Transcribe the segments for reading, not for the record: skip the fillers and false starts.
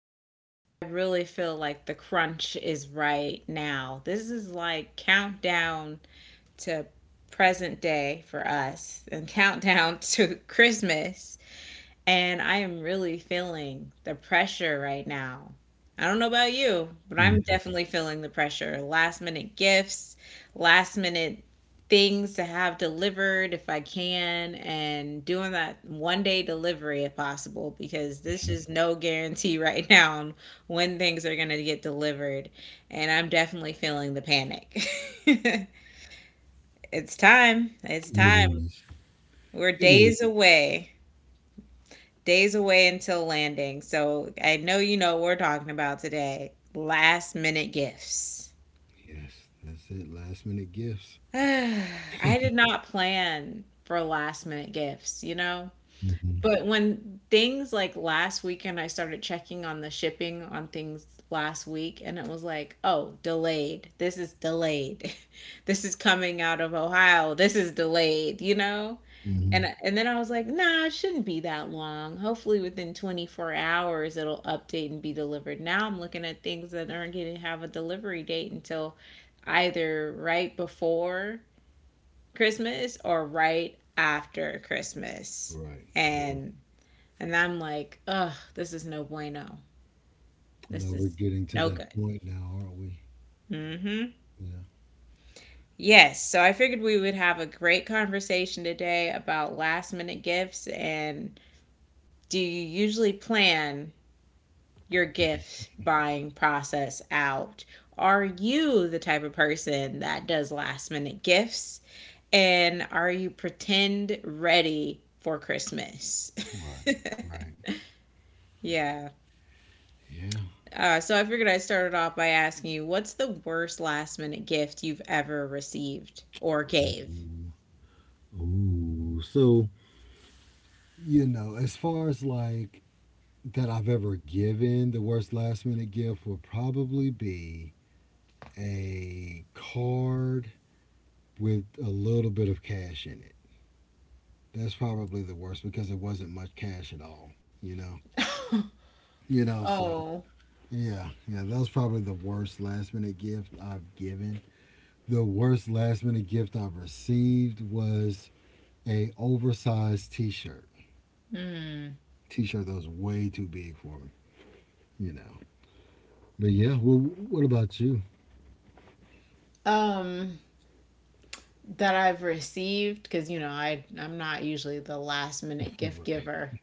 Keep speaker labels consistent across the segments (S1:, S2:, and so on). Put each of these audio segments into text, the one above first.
S1: back. And I really feel like the crunch is right now. This is like countdown to present day for us and countdown to Christmas. And I am really feeling the pressure right now. I don't know about you, but I'm
S2: Mm.
S1: definitely feeling the pressure. Last minute gifts, last minute things to have delivered if I can, and doing that 1 day delivery if possible, because this is no guarantee right now on when things are going to get delivered. And I'm definitely feeling the panic. It's time. It's
S2: It
S1: time.
S2: is.
S1: We're
S2: It is.
S1: days away, until landing. So I know you know what we're talking about today: last minute gifts.
S2: Yes, that's it. Last minute gifts.
S1: I did not plan for last minute gifts, you know?
S2: Mm-hmm.
S1: But when things like last weekend, I started checking on the shipping on things last week, and it was like, oh, delayed. This is delayed. This is coming out of Ohio. This is delayed, you know?
S2: Mm-hmm.
S1: And then I was like, nah, it shouldn't be that long. Hopefully, within 24 hours, it'll update and be delivered. Now I'm looking at things that aren't going to have a delivery date until either right before Christmas or right after Christmas.
S2: Right. Now,
S1: And and I'm like, ugh, this is no bueno. This
S2: now we're
S1: is
S2: getting to
S1: no
S2: that
S1: good.
S2: point now, aren't we?
S1: hmm
S2: Yeah.
S1: Yes, so I figured we would have a great conversation today about last minute gifts, and do you usually plan your gift buying process out? Are you the type of person that does last minute gifts? And are you pretend ready for Christmas?
S2: Right. Right.
S1: Yeah.
S2: Yeah.
S1: So I figured I'd start it off by asking you, what's the worst last minute gift you've ever received or gave?
S2: Ooh. Ooh. So, as far as like that I've ever given, the worst last minute gift would probably be a card with a little bit of cash in it. That's probably the worst because it wasn't much cash at all, you know? You know, so
S1: Oh,
S2: yeah, yeah, that was probably the worst last minute gift I've given. The worst last minute gift I've received was a oversized T-shirt.
S1: hmm.
S2: T-shirt that was way too big for me. You know, but yeah. Well, what about you?
S1: Um, that I've received, because you know I'm not usually the last minute gift
S2: Right.
S1: giver.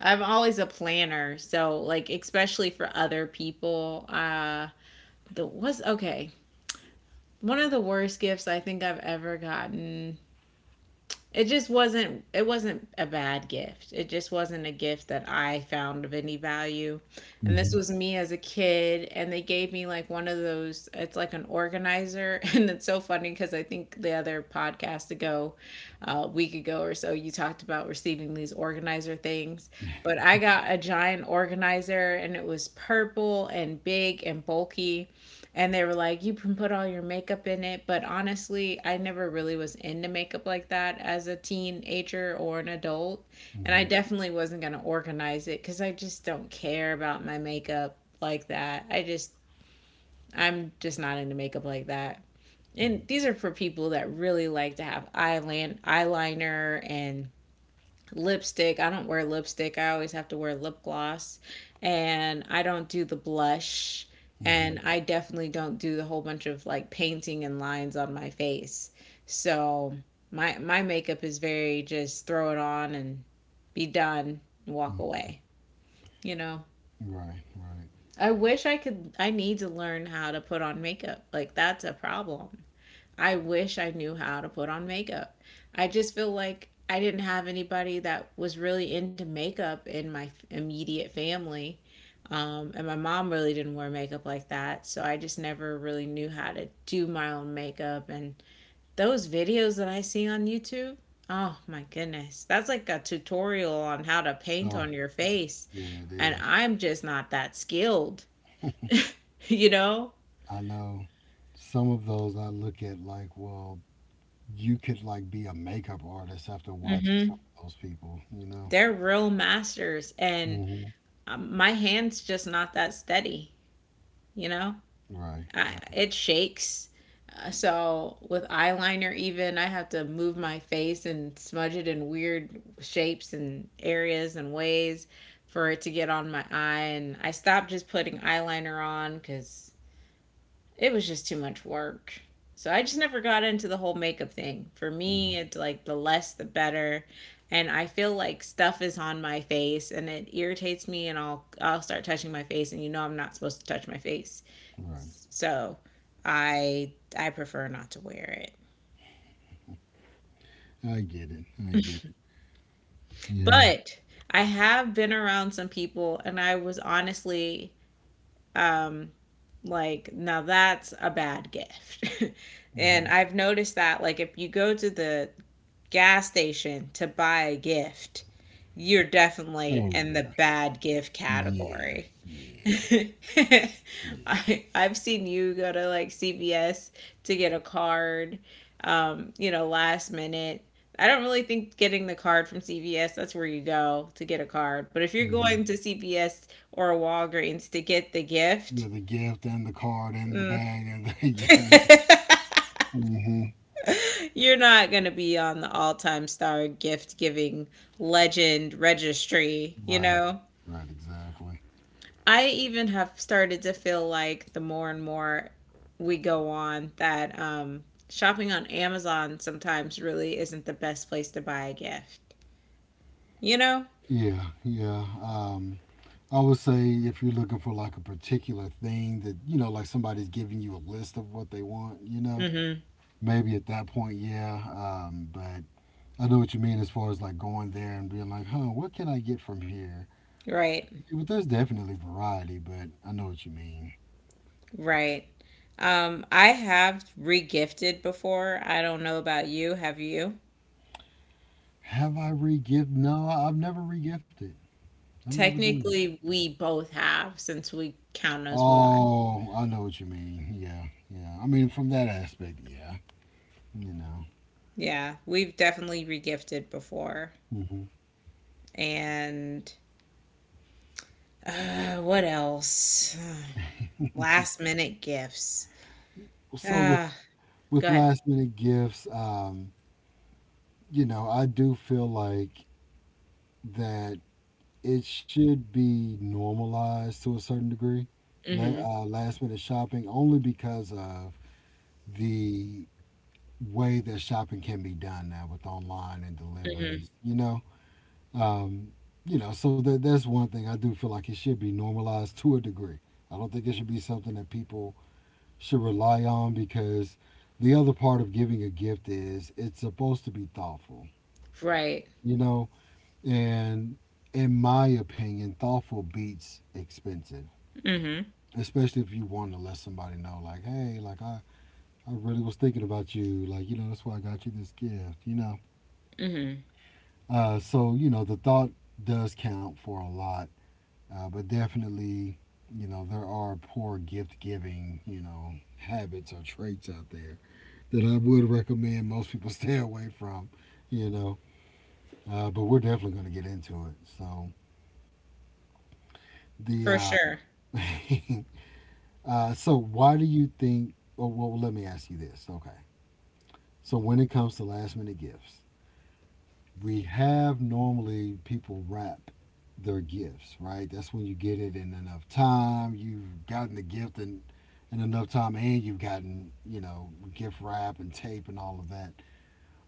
S1: I'm always a planner, so like especially for other people. The was okay. One of the worst gifts I think I've ever gotten, it just wasn't, it wasn't a bad gift, it just wasn't a gift that I found of any value. And this
S2: Hmm.
S1: was me as a kid, and they gave me like one of those, it's like an organizer. And it's so funny because I think the other podcast ago, a week ago or so, you talked about receiving these organizer things. But I got a giant organizer and it was purple and big and bulky, and they were like, you can put all your makeup in it. But honestly, I never really was into makeup like that as a teenager or an adult. And I
S2: Hmm.
S1: definitely wasn't going to organize it, because I just don't care about my makeup like that. I'm just not into makeup like that. And these are for people that really like to have eyeliner and lipstick. I don't wear lipstick. I always have to wear lip gloss. And I don't do the blush.
S2: Hmm.
S1: And I definitely don't do the whole bunch of like painting and lines on my face. So my makeup is very just throw it on and be done and walk away, you know.
S2: Right. Right.
S1: I wish I could I need to learn how to put on makeup. Like that's a problem. I wish I knew how to put on makeup. I just feel like I didn't have anybody that was really into makeup in my immediate family. And my mom really didn't wear makeup like that. So I just never really knew how to do my own makeup. And those videos that I see on YouTube, oh my goodness, that's like a tutorial on how to paint
S2: Oh,
S1: on your face.
S2: yeah, it
S1: And
S2: is.
S1: I'm just not that skilled, you know?
S2: I know some of those I look at like, well, you could like be a makeup artist after watching
S1: Hmm.
S2: some of those people. You
S1: They're real masters. And
S2: know.
S1: my hand's just not that steady, you know?
S2: Right,
S1: I,
S2: right,
S1: it shakes. So with eyeliner, even I have to move my face and smudge it in weird shapes and areas and ways for it to get on my eye. And I stopped just putting eyeliner on because it was just too much work. So I just never got into the whole makeup thing. For me,
S2: mhm,
S1: it's like the less the better. And I feel like stuff is on my face and it irritates me and I'll start touching my face, and you know I'm not supposed to touch my face.
S2: right.
S1: So I I prefer not to wear it.
S2: I get it. I get it. Yeah.
S1: But I have been around some people, and I was honestly, um like, now that's a bad gift. And
S2: Hmm.
S1: I've noticed that like if you go to the gas station to buy a gift, you're definitely
S2: Oh
S1: in the
S2: yeah.
S1: bad gift
S2: Yeah.
S1: category.
S2: Yeah. Yeah.
S1: I've seen you go to like CVS to get a card, you know, last minute. I don't really think getting the card from CVS, that's where you go to get a card. But if you're
S2: Hmm.
S1: going to CVS or a Walgreens to get the gift,
S2: Yeah. The gift and the card and the bag and the yeah. Hmm.
S1: you're not going to be on the all time star gift giving legend registry, you
S2: Right.
S1: know?
S2: Right. Exactly.
S1: I even have started to feel like the more and more we go on that, shopping on Amazon sometimes really isn't the best place to buy a gift, you know?
S2: Yeah. Yeah. I would say if you're looking for like a particular thing that like somebody's giving you a list of what they want,
S1: Mm
S2: maybe at that point, yeah. But I know what you mean as far as like going there and being like, huh, what can I get from here?
S1: hmm. Right,
S2: Yeah, but there's definitely variety, but I know what you mean.
S1: right. I have regifted before. I don't know about you. Have you?
S2: Have I re-gift? No, I've never re-gifted. I've never done that.
S1: Technically, we both have since we count as one.
S2: Oh, I know what you mean. Yeah, yeah. I mean, from that aspect, yeah. You know.
S1: Yeah, we've definitely regifted before.
S2: Hmm.
S1: And what else? Last minute gifts.
S2: So with
S1: Ah, go
S2: with
S1: ahead.
S2: last minute gifts, you know, I do feel like that it should be normalized to a certain degree.
S1: Mhm.
S2: Last minute shopping only because of the way that shopping can be done now with online and
S1: Mhm.
S2: deliveries. You know, um, so that's one thing I do feel like it should be normalized to a degree. I don't think it should be something that people should rely on because the other part of giving a gift is it's supposed to be thoughtful.
S1: Right.
S2: You know, and in my opinion, thoughtful beats expensive.
S1: Mhm.
S2: Especially if you want to let somebody know, like, hey, like I really was thinking about you. Like, you know, that's why I got you this gift, you know.
S1: Mhm.
S2: So you know the thought does count for a lot, but definitely you know there are poor gift giving habits or traits out there that I would recommend most people stay away from. You know, but we're definitely going to get into it. So the
S1: For
S2: uh,
S1: sure.
S2: so why do you think? Oh, well, let me ask you this. Okay, so when it comes to last minute gifts, we have normally people wrap their gifts, right? That's when you get it in enough time. You've gotten the gift in enough time, and you've gotten, gift wrap and tape and all of that.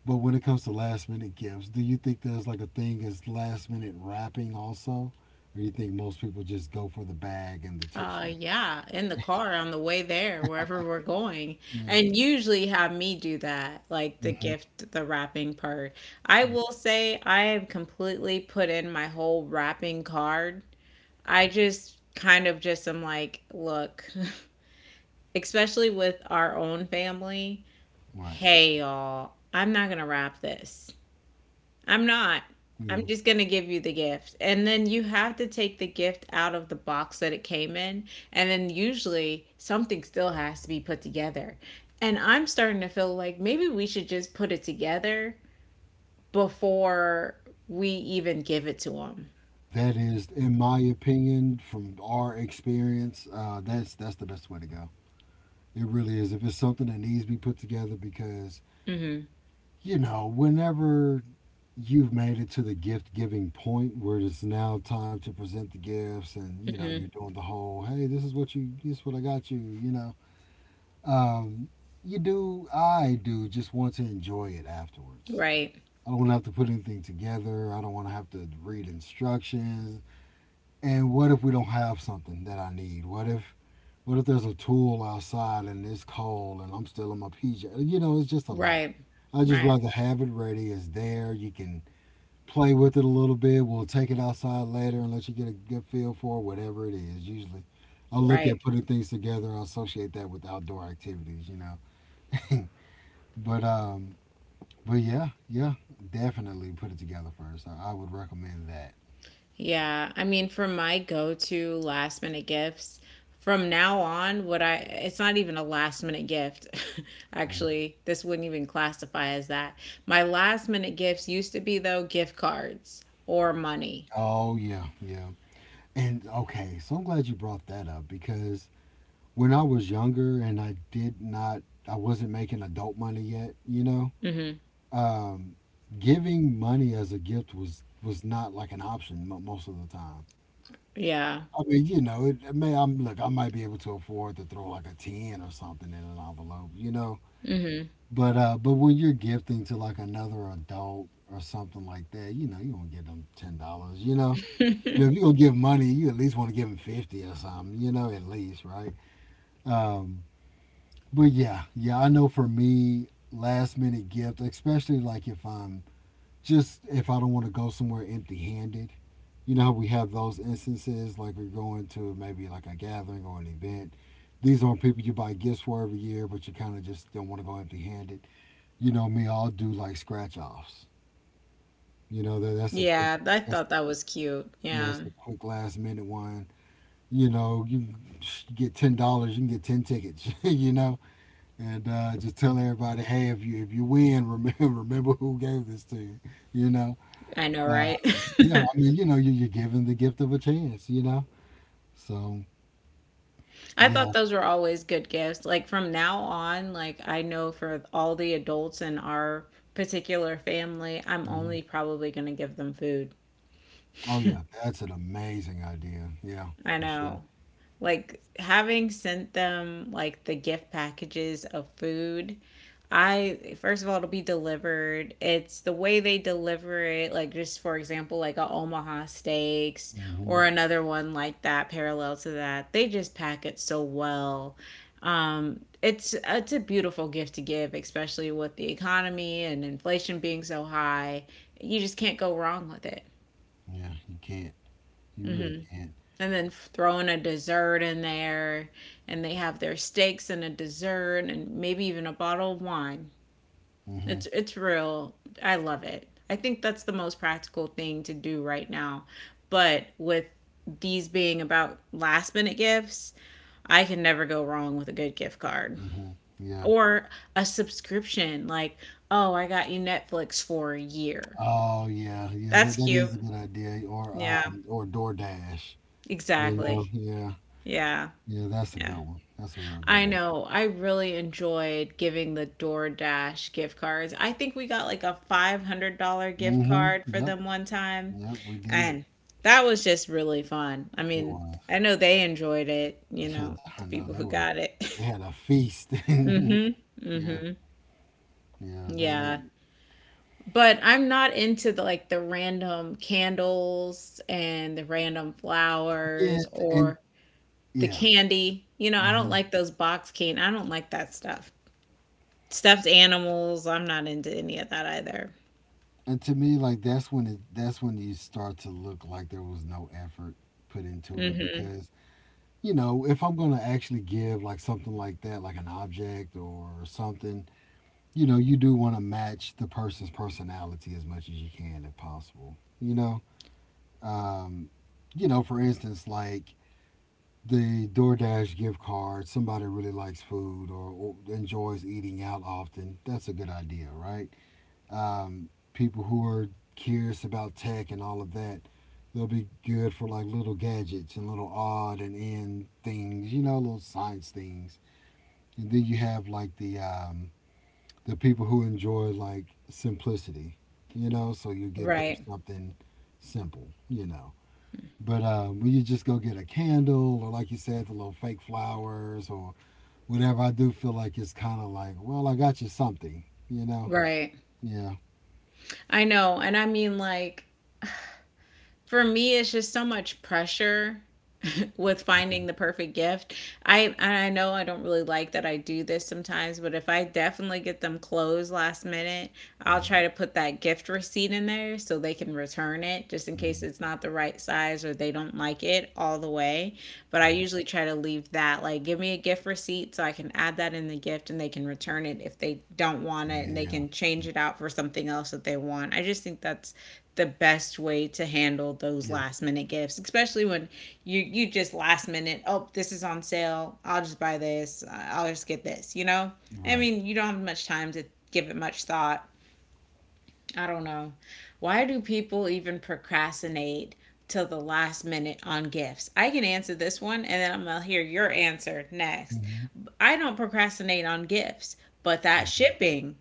S2: But when it comes to last minute gifts, do you think there's like a thing as last minute wrapping also? Or you think most people just go for the bag and the tissue?
S1: Yeah, in the car on the way there, wherever we're going.
S2: Yeah.
S1: And usually have me do that, like the
S2: Mhm.
S1: gift, the wrapping part. I will say I have completely put in my whole wrapping card. I just kind of just am like, look, especially with our own family,
S2: Right.
S1: hey, y'all, I'm not going to wrap this. I'm not. I'm
S2: Yeah.
S1: just going to give you the gift. And then you have to take the gift out of the box that it came in. And then usually something still has to be put together. And I'm starting to feel like maybe we should just put it together before we even give it to them.
S2: That is, in my opinion, from our experience, that's the best way to go. It really is. If it's something that needs to be put together, because,
S1: Hmm.
S2: you know, whenever you've made it to the gift giving point where it's now time to present the gifts and, you're
S1: Hmm.
S2: doing the whole, hey, this is what I got you, you know, um, I do just want to enjoy it afterwards.
S1: Right.
S2: I don't want to have to put anything together. I don't want to have to read instructions. And what if we don't have something that I need? What if there's a tool outside and it's cold and I'm still in my PJ? You know, it's just a lot.
S1: Right.
S2: I just
S1: Right.
S2: rather have it ready. It's there. You can play with it a little bit. We'll take it outside later and let you get a good feel for it, whatever it is. Usually, I look
S1: Right.
S2: at putting things together. I associate that with outdoor activities, you know. But um, but yeah, yeah, definitely put it together first. I would recommend that.
S1: Yeah, I mean, for my go-to last minute gifts, from now on, what I it's not even a last minute gift.
S2: Mm.
S1: Actually, this wouldn't even classify as that. My last minute gifts used to be though gift cards or money.
S2: Oh yeah, yeah. And okay, so I'm glad you brought that up because when I was younger and I did not, I wasn't making adult money yet,
S1: Mhm.
S2: um, giving money as a gift was not like an option most of the time.
S1: Yeah.
S2: I mean, it, it may I'm look, I might be able to afford to throw like a ten or something in an envelope, you know.
S1: Mhm.
S2: But when you're gifting to like another adult or something like that, you don't give them $10, you know. You know, if you're gonna give money, you at least want to give them 50 or something, you know, at least, right? Um, But yeah, yeah, I know for me, last minute gift, especially like if I don't want to go somewhere empty handed. You know how we have those instances, like you're going to maybe like a gathering or an event. These aren't people you buy gifts for every year, but you kind of just don't want to go empty handed. You know me, I'll do like scratch offs. You know that that's a quick,
S1: Yeah, I
S2: that's
S1: thought that was cute.
S2: yeah,
S1: Yeah.
S2: it's a quick last minute one. You know, you get $10, you can get 10 tickets. you know, and just tell everybody, hey, if you win, remember who gave this to you. You know,
S1: I know,
S2: uh,
S1: right?
S2: yeah. I mean, you know, you're given the gift of a chance. You know, so
S1: I
S2: yeah.
S1: thought those were always good gifts. Like from now on, like I know for all the adults in our particular family, I'm
S2: Mhm.
S1: only probably going to give them food.
S2: Oh yeah, that's an amazing idea. Yeah,
S1: I
S2: for sure.
S1: know. Like having sent them like the gift packages of food, I, first of all, it'll be delivered. It's the way they deliver it, like just for example, like a Omaha Steaks
S2: Hmm.
S1: or another one like that parallel to that. They just pack it so well. It's a beautiful gift to give, especially with the economy and inflation being so high. You just can't go wrong with it.
S2: Yeah, you can't. You really can't.
S1: And then throwing a dessert in there, and they have their steaks and a dessert and maybe even a bottle of wine,
S2: Hmm.
S1: it's real. I love it. I think that's the most practical thing to do right now. But with these being about last minute gifts, I can never go wrong with a good gift card
S2: Hmm. Yeah.
S1: or a subscription, like, oh, I got you Netflix for a year.
S2: Oh yeah, yeah. That
S1: That's
S2: that
S1: cute.
S2: is a good idea. Or
S1: Yeah,
S2: um, or DoorDash. You know.
S1: exactly.
S2: Yeah.
S1: Yeah.
S2: Yeah, that's a
S1: Yeah.
S2: good one. That's a real good
S1: I
S2: one.
S1: know. I really enjoyed giving the DoorDash gift cards. I think we got like a $500 gift
S2: Hmm.
S1: card for
S2: Yep.
S1: them one time.
S2: Yep, we did.
S1: And that was just really fun. I
S2: It
S1: mean,
S2: was.
S1: I know they enjoyed it, you
S2: Yeah,
S1: know, the
S2: I
S1: people
S2: know
S1: who
S2: they were.
S1: got it.
S2: They had a feast. yeah,
S1: Mm-hmm.
S2: yeah,
S1: Mm-hmm.
S2: that
S1: Yeah.
S2: it,
S1: But I'm not into the like the random candles and the random
S2: yeah,
S1: flowers
S2: and
S1: or the
S2: yeah,
S1: candy. You know, I don't
S2: hmm
S1: like those box candy. I don't like that stuff. Stuffed animals, I'm not into any of that either.
S2: and to me, like that's when it. That's when you start to look like there was no effort put into it
S1: Mhm.
S2: because you know if I'm gonna actually give like something like that, like an object or something, you know, you do want to match the person's personality as much as you can if possible. You know, um, for instance, like the DoorDash gift card, somebody really likes food or enjoys eating out often, that's a good idea, right? People who are curious about tech and all of that, they'll be good for like little gadgets and little odd and end things, little science things. And then you have like the people who enjoy like simplicity, you know, so you get them
S1: Right.
S2: something simple, you know. But we could just go get a candle, or like you said, the little fake flowers, or whatever. I do feel like it's kind of like, well, I got you something, you know?
S1: Right.
S2: Yeah.
S1: I know, and I mean, like, for me, it's just so much pressure with
S2: Mhm,
S1: finding the perfect gift. I know I don't really like that I do this sometimes, but if I definitely get them clothes last minute, I'll
S2: mhm,
S1: try to put that gift receipt in there so they can return it just in case
S2: mhm,
S1: it's not the right size or they don't like it all the way. But I
S2: mhm.
S1: usually try to leave that, like, give me a gift receipt so I can add that in the gift and they can return it if they don't want it and they
S2: Yeah.
S1: can change it out for something else that they want. I just think that's the best way to handle those
S2: Mm-hmm. Yeah.
S1: last minute gifts, especially when you just last minute, oh, this is on sale, I'll just buy this, I'll just get this. I
S2: Right.
S1: mean, you don't have much time to give it much thought. I don't know, why do people even procrastinate till the last minute on gifts? I can answer this one and then I'm gonna hear your answer next.
S2: Hmm.
S1: I don't procrastinate on gifts, but that
S2: Hmm.
S1: shipping,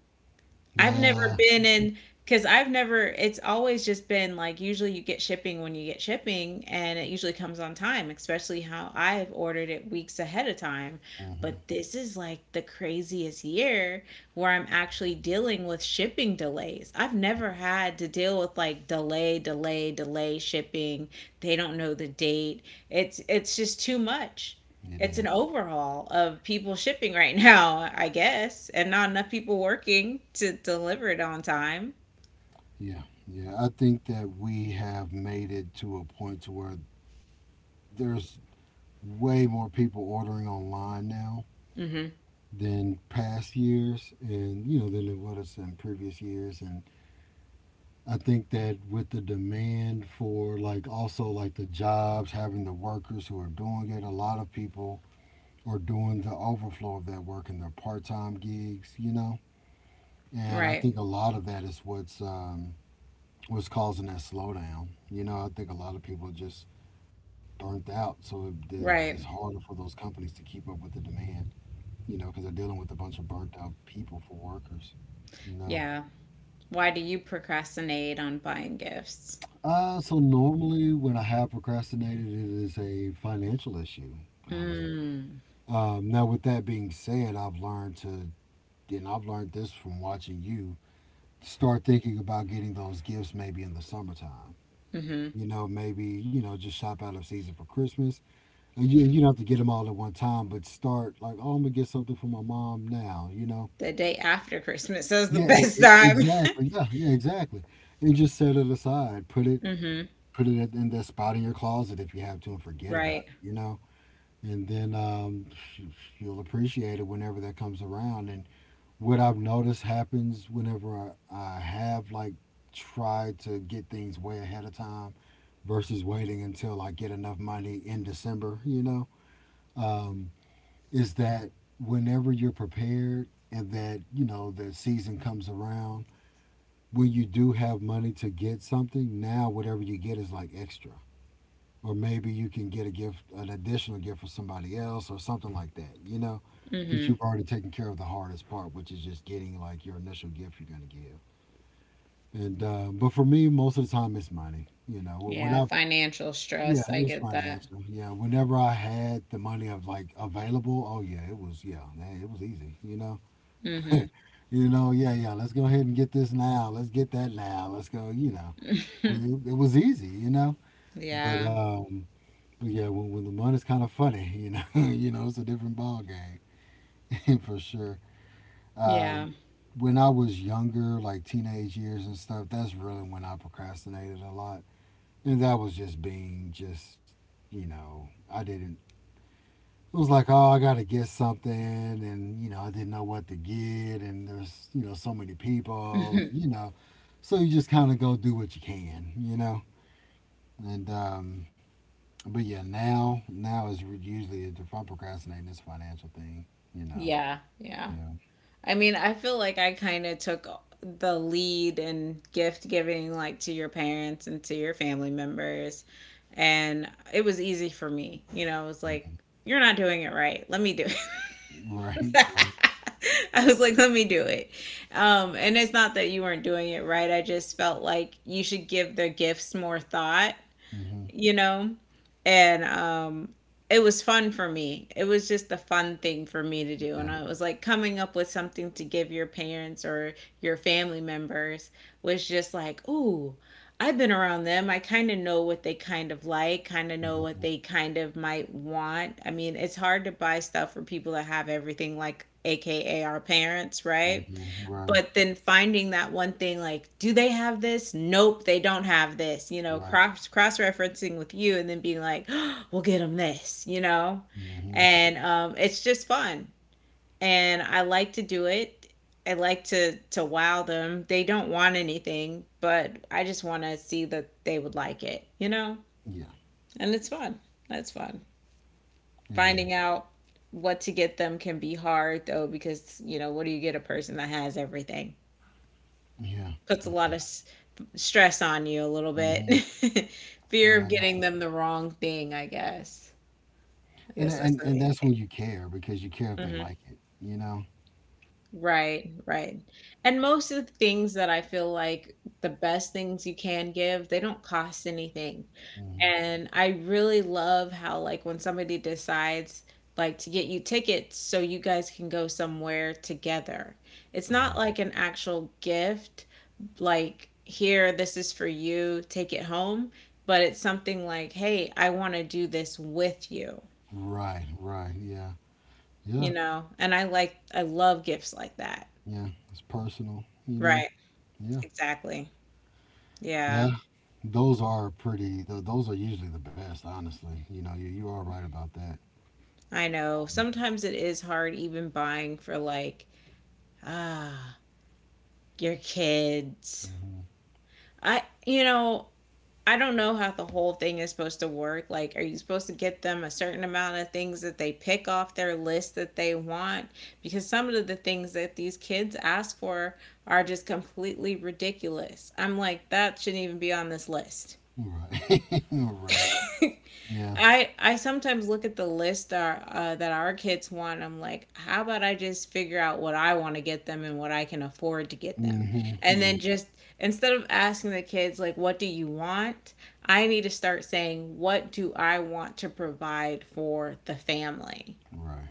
S1: I've never
S2: Yeah.
S1: been in, because I've never, it's always just been like, usually you get shipping when you get shipping and it usually comes on time, especially how I've ordered it weeks ahead of time.
S2: Hmm.
S1: But this is like the craziest year where I'm actually dealing with shipping delays. I've never had to deal with like delay, delay, delay shipping. They don't know the date. It's just too much.
S2: It
S1: It's an
S2: is.
S1: overhaul of people shipping right now, I guess, and not enough people working to deliver it on time.
S2: Yeah. Yeah. I think that we have made it to a point to where there's way more people ordering online now
S1: Mm-hmm.
S2: than past years and than it was in previous years and I think that with the demand for like also like the jobs, having the workers who are doing it, a lot of people are doing the overflow of that work in their part-time gigs, you know. And I
S1: Right.
S2: think a lot of that is what's causing that slowdown. You know, I think a lot of people are just burnt out, so it's
S1: Right.
S2: harder for those companies to keep up with the demand. You know, because they're dealing with a bunch of burnt out people for workers. You know.
S1: Yeah. Why do you procrastinate on buying gifts?
S2: So normally when I have procrastinated, it is a financial issue, honestly.
S1: Mm.
S2: Now, with that being said, I've learned to, and I've learned this from watching you, start thinking about getting those gifts maybe in the summertime.
S1: Mm-hmm.
S2: You know, maybe, just shop out of season for Christmas. And you don't have to get them all at one time, but start like, oh, I'm going to get something for my mom now, you know?
S1: The day after Christmas is the
S2: Yeah, e-
S1: best
S2: e-
S1: time.
S2: exactly. Yeah, yeah, exactly. And just set it aside. Put it
S1: Mm-hmm.
S2: put it at- in that spot in your closet if you have to and forget about
S1: Right.
S2: it, you know? And then You'll appreciate it whenever that comes around. And what I've noticed happens whenever I have like tried to get things way ahead of time versus waiting until I get enough money in December, um, is that whenever you're prepared and that, you know, the season comes around, when you do have money to get something, now whatever you get is like extra, or maybe you can get a gift, an additional gift for somebody else, or something like that. You know, because
S1: Mm-hmm.
S2: you've already taken care of the hardest part, which is just getting like your initial gift you're gonna give. And But for me, most of the time it's money. You know, When
S1: Yeah.
S2: I've
S1: Financial
S2: yeah,
S1: stress. I
S2: it's
S1: get that.
S2: financial. Yeah, whenever I had the money of like available, oh yeah, it was yeah, hey, it was easy. You know,
S1: Mm-hmm.
S2: you know, yeah, yeah. Let's go ahead and get this now. Let's get that now. Let's go. You know, well, it was easy. You know, but
S1: Yeah.
S2: um, but yeah, when the money's kind of funny, you know, you know, it's a different ball game for sure.
S1: Yeah.
S2: Um, when I was younger, like teenage years and stuff, that's really when I procrastinated a lot, and that was just you know, I didn't. It was like, oh, I gotta get something, and you know, I didn't know what to get, and there's you know so many people, and, you know, so you just kind of go do what you can, you know, and But yeah, now usually if I'm procrastinating it's financial thing, you know,
S1: Yeah, yeah.
S2: yeah,
S1: I mean, I feel like I kind of took the lead in gift giving, like to your parents and to your family members. And it was easy for me. You know, I was like,
S2: hmm,
S1: you're not doing it right. Let me do it.
S2: right, right,
S1: I was like, let me do it. And it's not that you weren't doing it right. I just felt like you should give the gifts more thought,
S2: hmm,
S1: you know? And it was fun for me. It was just a fun thing for me to do. And
S2: yeah,
S1: I was like coming up with something to give your parents or your family members was just like, ooh, I've been around them. I kind of know what they kind of like, kind of know what
S2: hmm,
S1: they kind of might want. I mean, it's hard to buy stuff for people that have everything, like AKA our parents, right?
S2: hmm, right,
S1: But then finding that one thing, like do they have this? Nope, they don't have this, you know.
S2: right,
S1: Cross referencing with you and then being like, oh, we'll get them this, you know.
S2: hmm,
S1: And it's just fun, and I like to do it. I like to wow them. They don't want anything, but I just want to see that they would like it, you know.
S2: yeah,
S1: And it's fun. That's fun.
S2: it is,
S1: Finding out what to get them can be hard though, because you know, what do you get a person that has everything?
S2: yeah,
S1: Puts a
S2: yeah,
S1: lot of stress on you a little bit.
S2: hmm, yeah,
S1: Fear of
S2: I
S1: getting
S2: know.
S1: them the wrong thing, I guess.
S2: and tha-
S1: I
S2: and
S1: guess that's
S2: and
S1: the
S2: that's
S1: main
S2: when you
S1: thing.
S2: care because you care if they
S1: Hmm.
S2: like it, you know,
S1: Right, right. And most of the things that I feel like the best things you can give, they don't cost anything.
S2: hmm,
S1: And I really love how, like, when somebody decides, like, to get you tickets so you guys can go somewhere together, it's not
S2: right,
S1: like an actual gift, like here, this is for you, take it home, but it's something like, hey, I want to do this with you,
S2: right, right, yeah, yeah,
S1: you know. And I love gifts like that.
S2: yeah, it's personal, you know,
S1: Right,
S2: yeah.
S1: exactly. Yeah.
S2: Yeah, those are pretty. Those are usually the best, honestly. You know, you are right about that.
S1: I know,
S2: Um,
S1: sometimes it is hard even buying for like, ah your kids.
S2: mhm.
S1: i you know I don't know how the whole thing is supposed to work. Like, are you supposed to get them a certain amount of things that they pick off their list that they want? Because some of the things that these kids ask for are just completely ridiculous. I'm like, that shouldn't even be on this list.
S2: Right, right. Yeah.
S1: I sometimes look at the list that our kids want. I'm like, how about I just figure out what I want to get them and what I can afford to get them,
S2: Hmm.
S1: and
S2: Yeah.
S1: then just, instead of asking the kids like, what do you want? I need to start saying, what do I want to provide for the family?
S2: Right.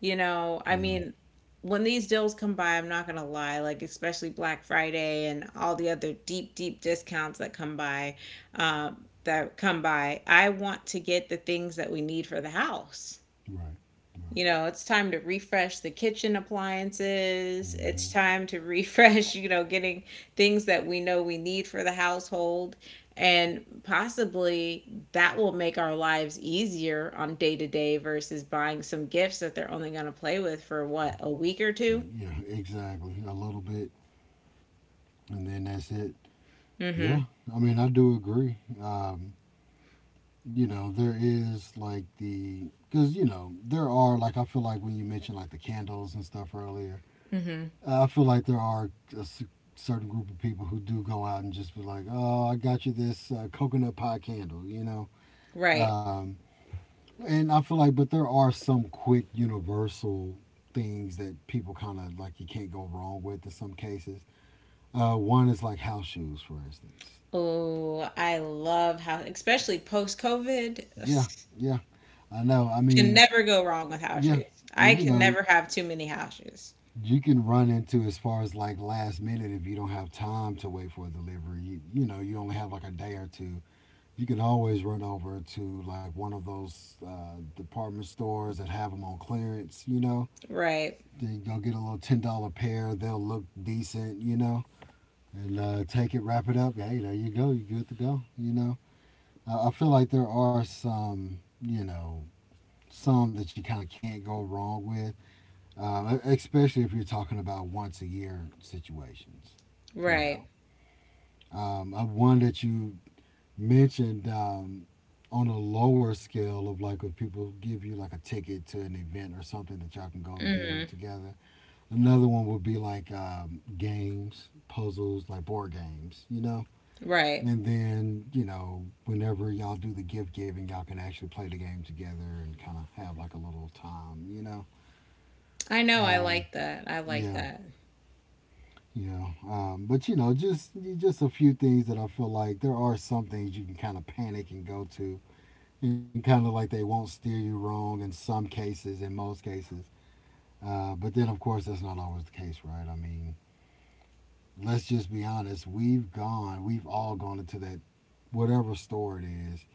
S1: You know, I
S2: Yeah.
S1: mean, when these deals come by, I'm not gonna lie, like especially Black Friday and all the other deep, deep discounts that come by, I want to get the things that we need for the house.
S2: Right. Right.
S1: You know, it's time to refresh the kitchen appliances.
S2: Hmm.
S1: It's time to refresh, you know, getting things that we know we need for the household. And possibly that will make our lives easier on day to day versus buying some gifts that they're only going to play with for what, a week or
S2: Yeah,
S1: two?
S2: yeah, exactly. A little bit, and then that's it. Yeah,
S1: Mm
S2: I mean, I do agree. You know, there is like the because you know there are like I feel like when you mentioned like the candles and stuff earlier,
S1: hmm. Mm hmm.
S2: I feel like there are a certain group of people who do go out and just be like, "Oh, I got you this coconut pie candle," you know.
S1: Right.
S2: Um, and I feel like, but there are some quick universal things that people kind of like you can't go wrong with in some cases. One is like house shoes, for instance.
S1: Oh, I love how, especially post COVID,
S2: Yeah, yeah, I know. I
S1: can
S2: mean,
S1: never go wrong with house
S2: yeah,
S1: shoes. I
S2: you
S1: can
S2: know,
S1: never have too many house shoes.
S2: you can run into as far as like last minute if you don't have time to wait for a delivery. You know, you only have like a day or two. You can always run over to like one of those department stores that have them on clearance, you know.
S1: Right.
S2: Then go get a little $10 pair. They'll look decent, you know, and Take it, wrap it up. Hey, there you go. You are good to go, you know. I feel like there are some, you know, some that you kind of can't go wrong with, especially if you're talking about once a year situations, you
S1: Right.
S2: know. One that you mentioned on a lower scale of like if people give you like a ticket to an event or something that y'all can go do together. Another one would be like games, puzzles, like board games, you know.
S1: Right.
S2: And then you know whenever y'all do the gift giving, y'all can actually play the game together and kind of have like a little time, you know.
S1: I know. I
S2: Um,
S1: like that. I like
S2: yeah,
S1: that.
S2: yeah. But you know, just a few things that I feel like there are some things you can kind of panic and go to and kind of like they won't steer you wrong in some cases, in most cases. But then, of course, that's not always the case, right? I mean, let's just be honest. We've all gone into that whatever store it is,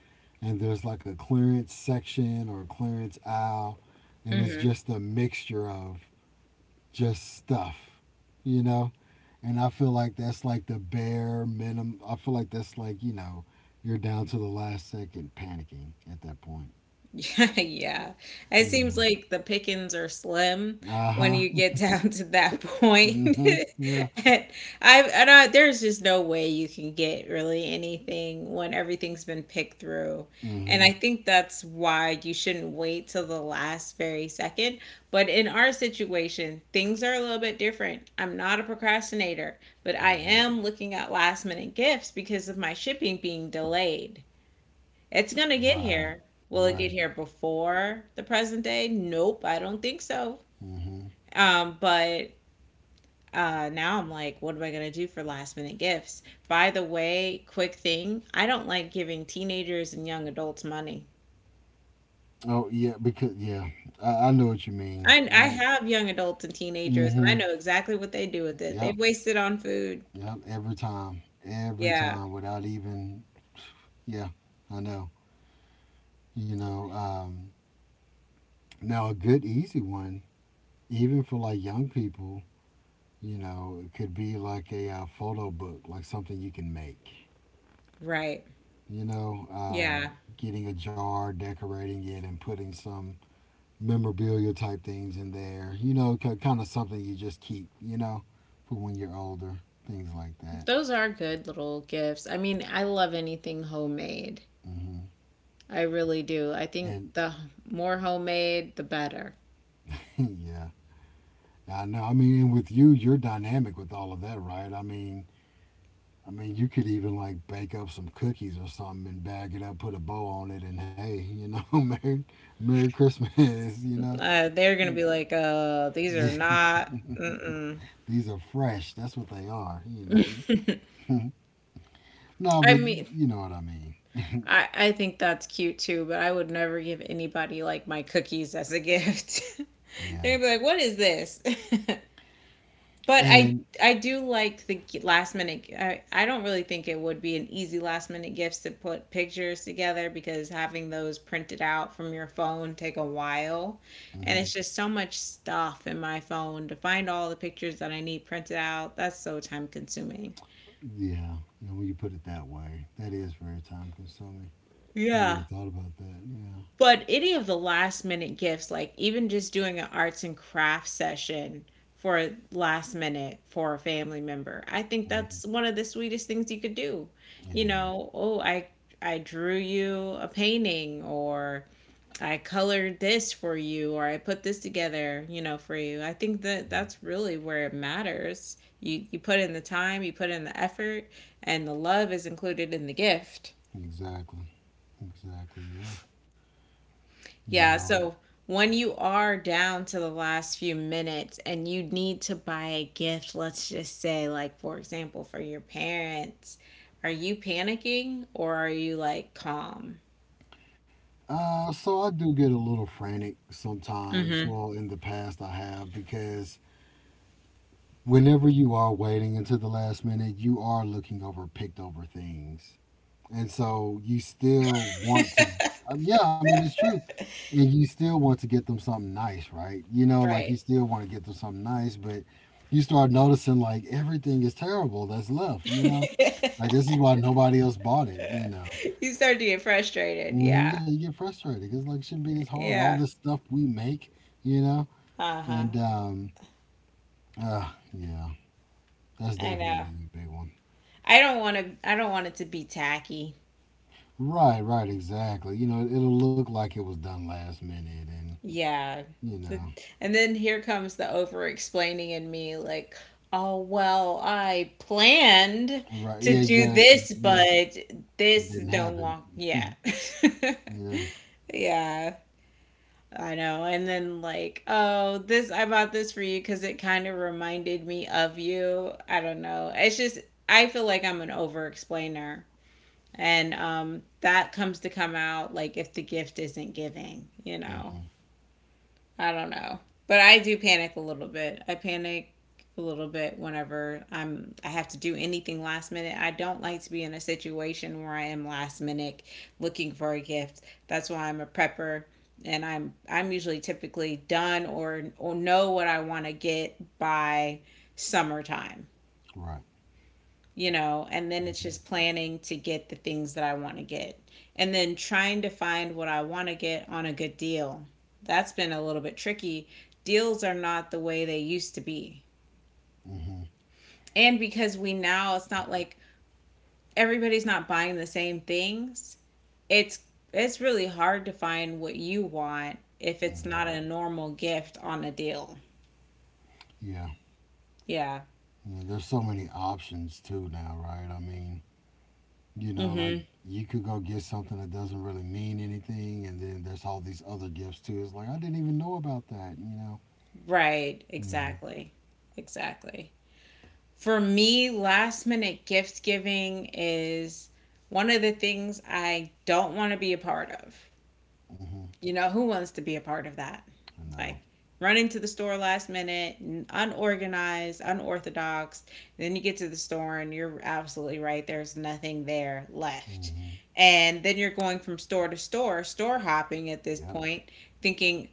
S2: and there's like a clearance section or a clearance aisle, and it's
S1: Hmm.
S2: just a mixture of just stuff, you know? And I feel like that's like the bare minimum. I feel like that's like, you know, you're down to the last second panicking at that point,
S1: Yeah, yeah. It
S2: you
S1: seems
S2: know?
S1: like the pickings are slim
S2: Uh
S1: when
S2: huh.
S1: you get down to that point.
S2: Mm-hmm. Yeah.
S1: And I, do not there's just no way you can get really anything when everything's been picked through. And I
S2: Mm-hmm.
S1: think that's why you shouldn't wait till the last very second. But in our situation, things are a little bit different. I'm not a procrastinator, but I
S2: Hmm.
S1: am looking at last minute gifts because of my shipping being delayed. It's gonna get
S2: Right.
S1: here. Will it
S2: Right.
S1: get here before the present day? Nope, I don't think so.
S2: Mm-hmm.
S1: But now I'm like, what am I gonna do for last minute gifts? By the way, quick thing, I don't like giving teenagers and young adults money.
S2: Oh yeah, because yeah, I know what you mean.
S1: I
S2: I
S1: I
S2: mean,
S1: have young adults and teenagers, and I
S2: mm-hmm.
S1: know exactly what they do with it. They
S2: Yep.
S1: waste it on food.
S2: Yep. Every time. Every
S1: Yeah,
S2: time without even yeah, I know. You know, now a good easy one, even for like young people, you know, it could be like a photo book, like something you can make.
S1: right.
S2: You know,
S1: Yeah,
S2: getting a jar, decorating it, and putting some memorabilia type things in there. You know, kind of something you just keep, you know, for when you're older, things like that.
S1: those are good little gifts. I mean, I love anything homemade.
S2: Hmm.
S1: I really do. I think
S2: And
S1: the more homemade, the better.
S2: yeah, I know. I mean, and with you, you're dynamic with all of that, right? I mean, you could even like bake up some cookies or something and bag it up, put a bow on it, and hey, you know, Merry, Merry Christmas, you know.
S1: They're gonna be like, these are not. Mm-mm.
S2: These are fresh. That's what they are, you know. No,
S1: I
S2: but
S1: mean,
S2: you know what I mean.
S1: I think that's cute too, but I would never give anybody like my cookies as a gift.
S2: Yeah.
S1: They're gonna be like, what is this? But I
S2: And
S1: I do like the last minute. I don't really think it would be an easy last minute gifts to put pictures together because having those printed out from your phone take a while, and
S2: mhm.
S1: it's just so much stuff in my phone to find all the pictures that I need printed out. That's so time consuming.
S2: Yeah, you know, when you put it that way, that is very time consuming. I never really
S1: Yeah.
S2: thought about that. Yeah,
S1: But any of the last minute gifts, like even just doing an arts and crafts session for last minute for a family member, I think
S2: mhm.
S1: that's one of the sweetest things you could do. You
S2: It is
S1: know, oh, I drew you a painting, or I colored this for you, or I put this together, you know, for you. I think that that's really where it matters. You put in the time, you put in the effort, and the love is included in the gift.
S2: exactly, exactly. Yeah, you
S1: Yeah,
S2: know.
S1: so when you are down to the last few minutes and you need to buy a gift, let's just say, like, for example, for your parents, are you panicking or are you like calm?
S2: So I do get a little frantic sometimes.
S1: Hmm.
S2: Well, in the past I have because whenever you are waiting until the last minute, you are looking over picked over things. And so you still want to g- yeah I mean it's true, and you still want to get them something nice, right? You know, like you
S1: Right.
S2: still want to get them something nice, but you start noticing like everything is terrible that's left, you know, like this is why nobody else bought it, you know.
S1: You start to get frustrated.
S2: Hmm,
S1: Yeah.
S2: yeah, you get frustrated because like it shouldn't be this hard all
S1: Yeah.
S2: this stuff we make, you know.
S1: Uh-huh.
S2: And Yeah, that's
S1: I know.
S2: definitely a big one,
S1: I don't want to, I don't want it to be tacky.
S2: right, right, exactly, you know, it'll look like it was done last minute and
S1: Yeah.
S2: you know.
S1: And then here comes the over explaining in me, like, oh, well, I planned
S2: Right.
S1: to
S2: Yeah,
S1: do
S2: exactly.
S1: this,
S2: Yeah.
S1: but
S2: It
S1: this
S2: didn't
S1: no
S2: happen.
S1: long. Yeah.
S2: Yeah.
S1: Yeah. I know. And then, like, oh, this, I bought this for you because it kind of reminded me of you. I don't know. It's just, I feel like I'm an over explainer. And that comes to come out, like, if the gift isn't giving, you know?
S2: Hmm.
S1: I don't know. But I do panic a little bit. I panic a little bit whenever I have to do anything last minute. I don't like to be in a situation where I am last minute looking for a gift. That's why I'm a prepper, and I'm usually typically done or know what I want to get by summertime,
S2: Right.
S1: you know, and then it's
S2: Hmm.
S1: just planning to get the things that I want to get and then trying to find what I want to get on a good deal. That's been a little bit tricky. Deals are not the way they used to be.
S2: Hmm. Hmm.
S1: And because we now it's not like everybody's not buying the same things, it's really hard to find what you want if it's not a normal gift on a deal.
S2: Yeah.
S1: Yeah.
S2: Yeah. There's so many options too now, right? I mean, you know, like
S1: Mhm.
S2: you could go get something that doesn't really mean anything, and then there's all these other gifts too. It's like I didn't even know about that. You know.
S1: Right,
S2: You know.
S1: exactly. Exactly. For me, last minute gift giving is one of the things I don't want to be a part of.
S2: Hmm.
S1: You know, who wants to be a part of that?
S2: I know.
S1: Like running to the store last minute, unorganized, unorthodox. Then you get to the store and you're absolutely right. There's nothing there left.
S2: Hmm.
S1: And then you're going from store to store, store hopping at this
S2: Yep.
S1: point, thinking,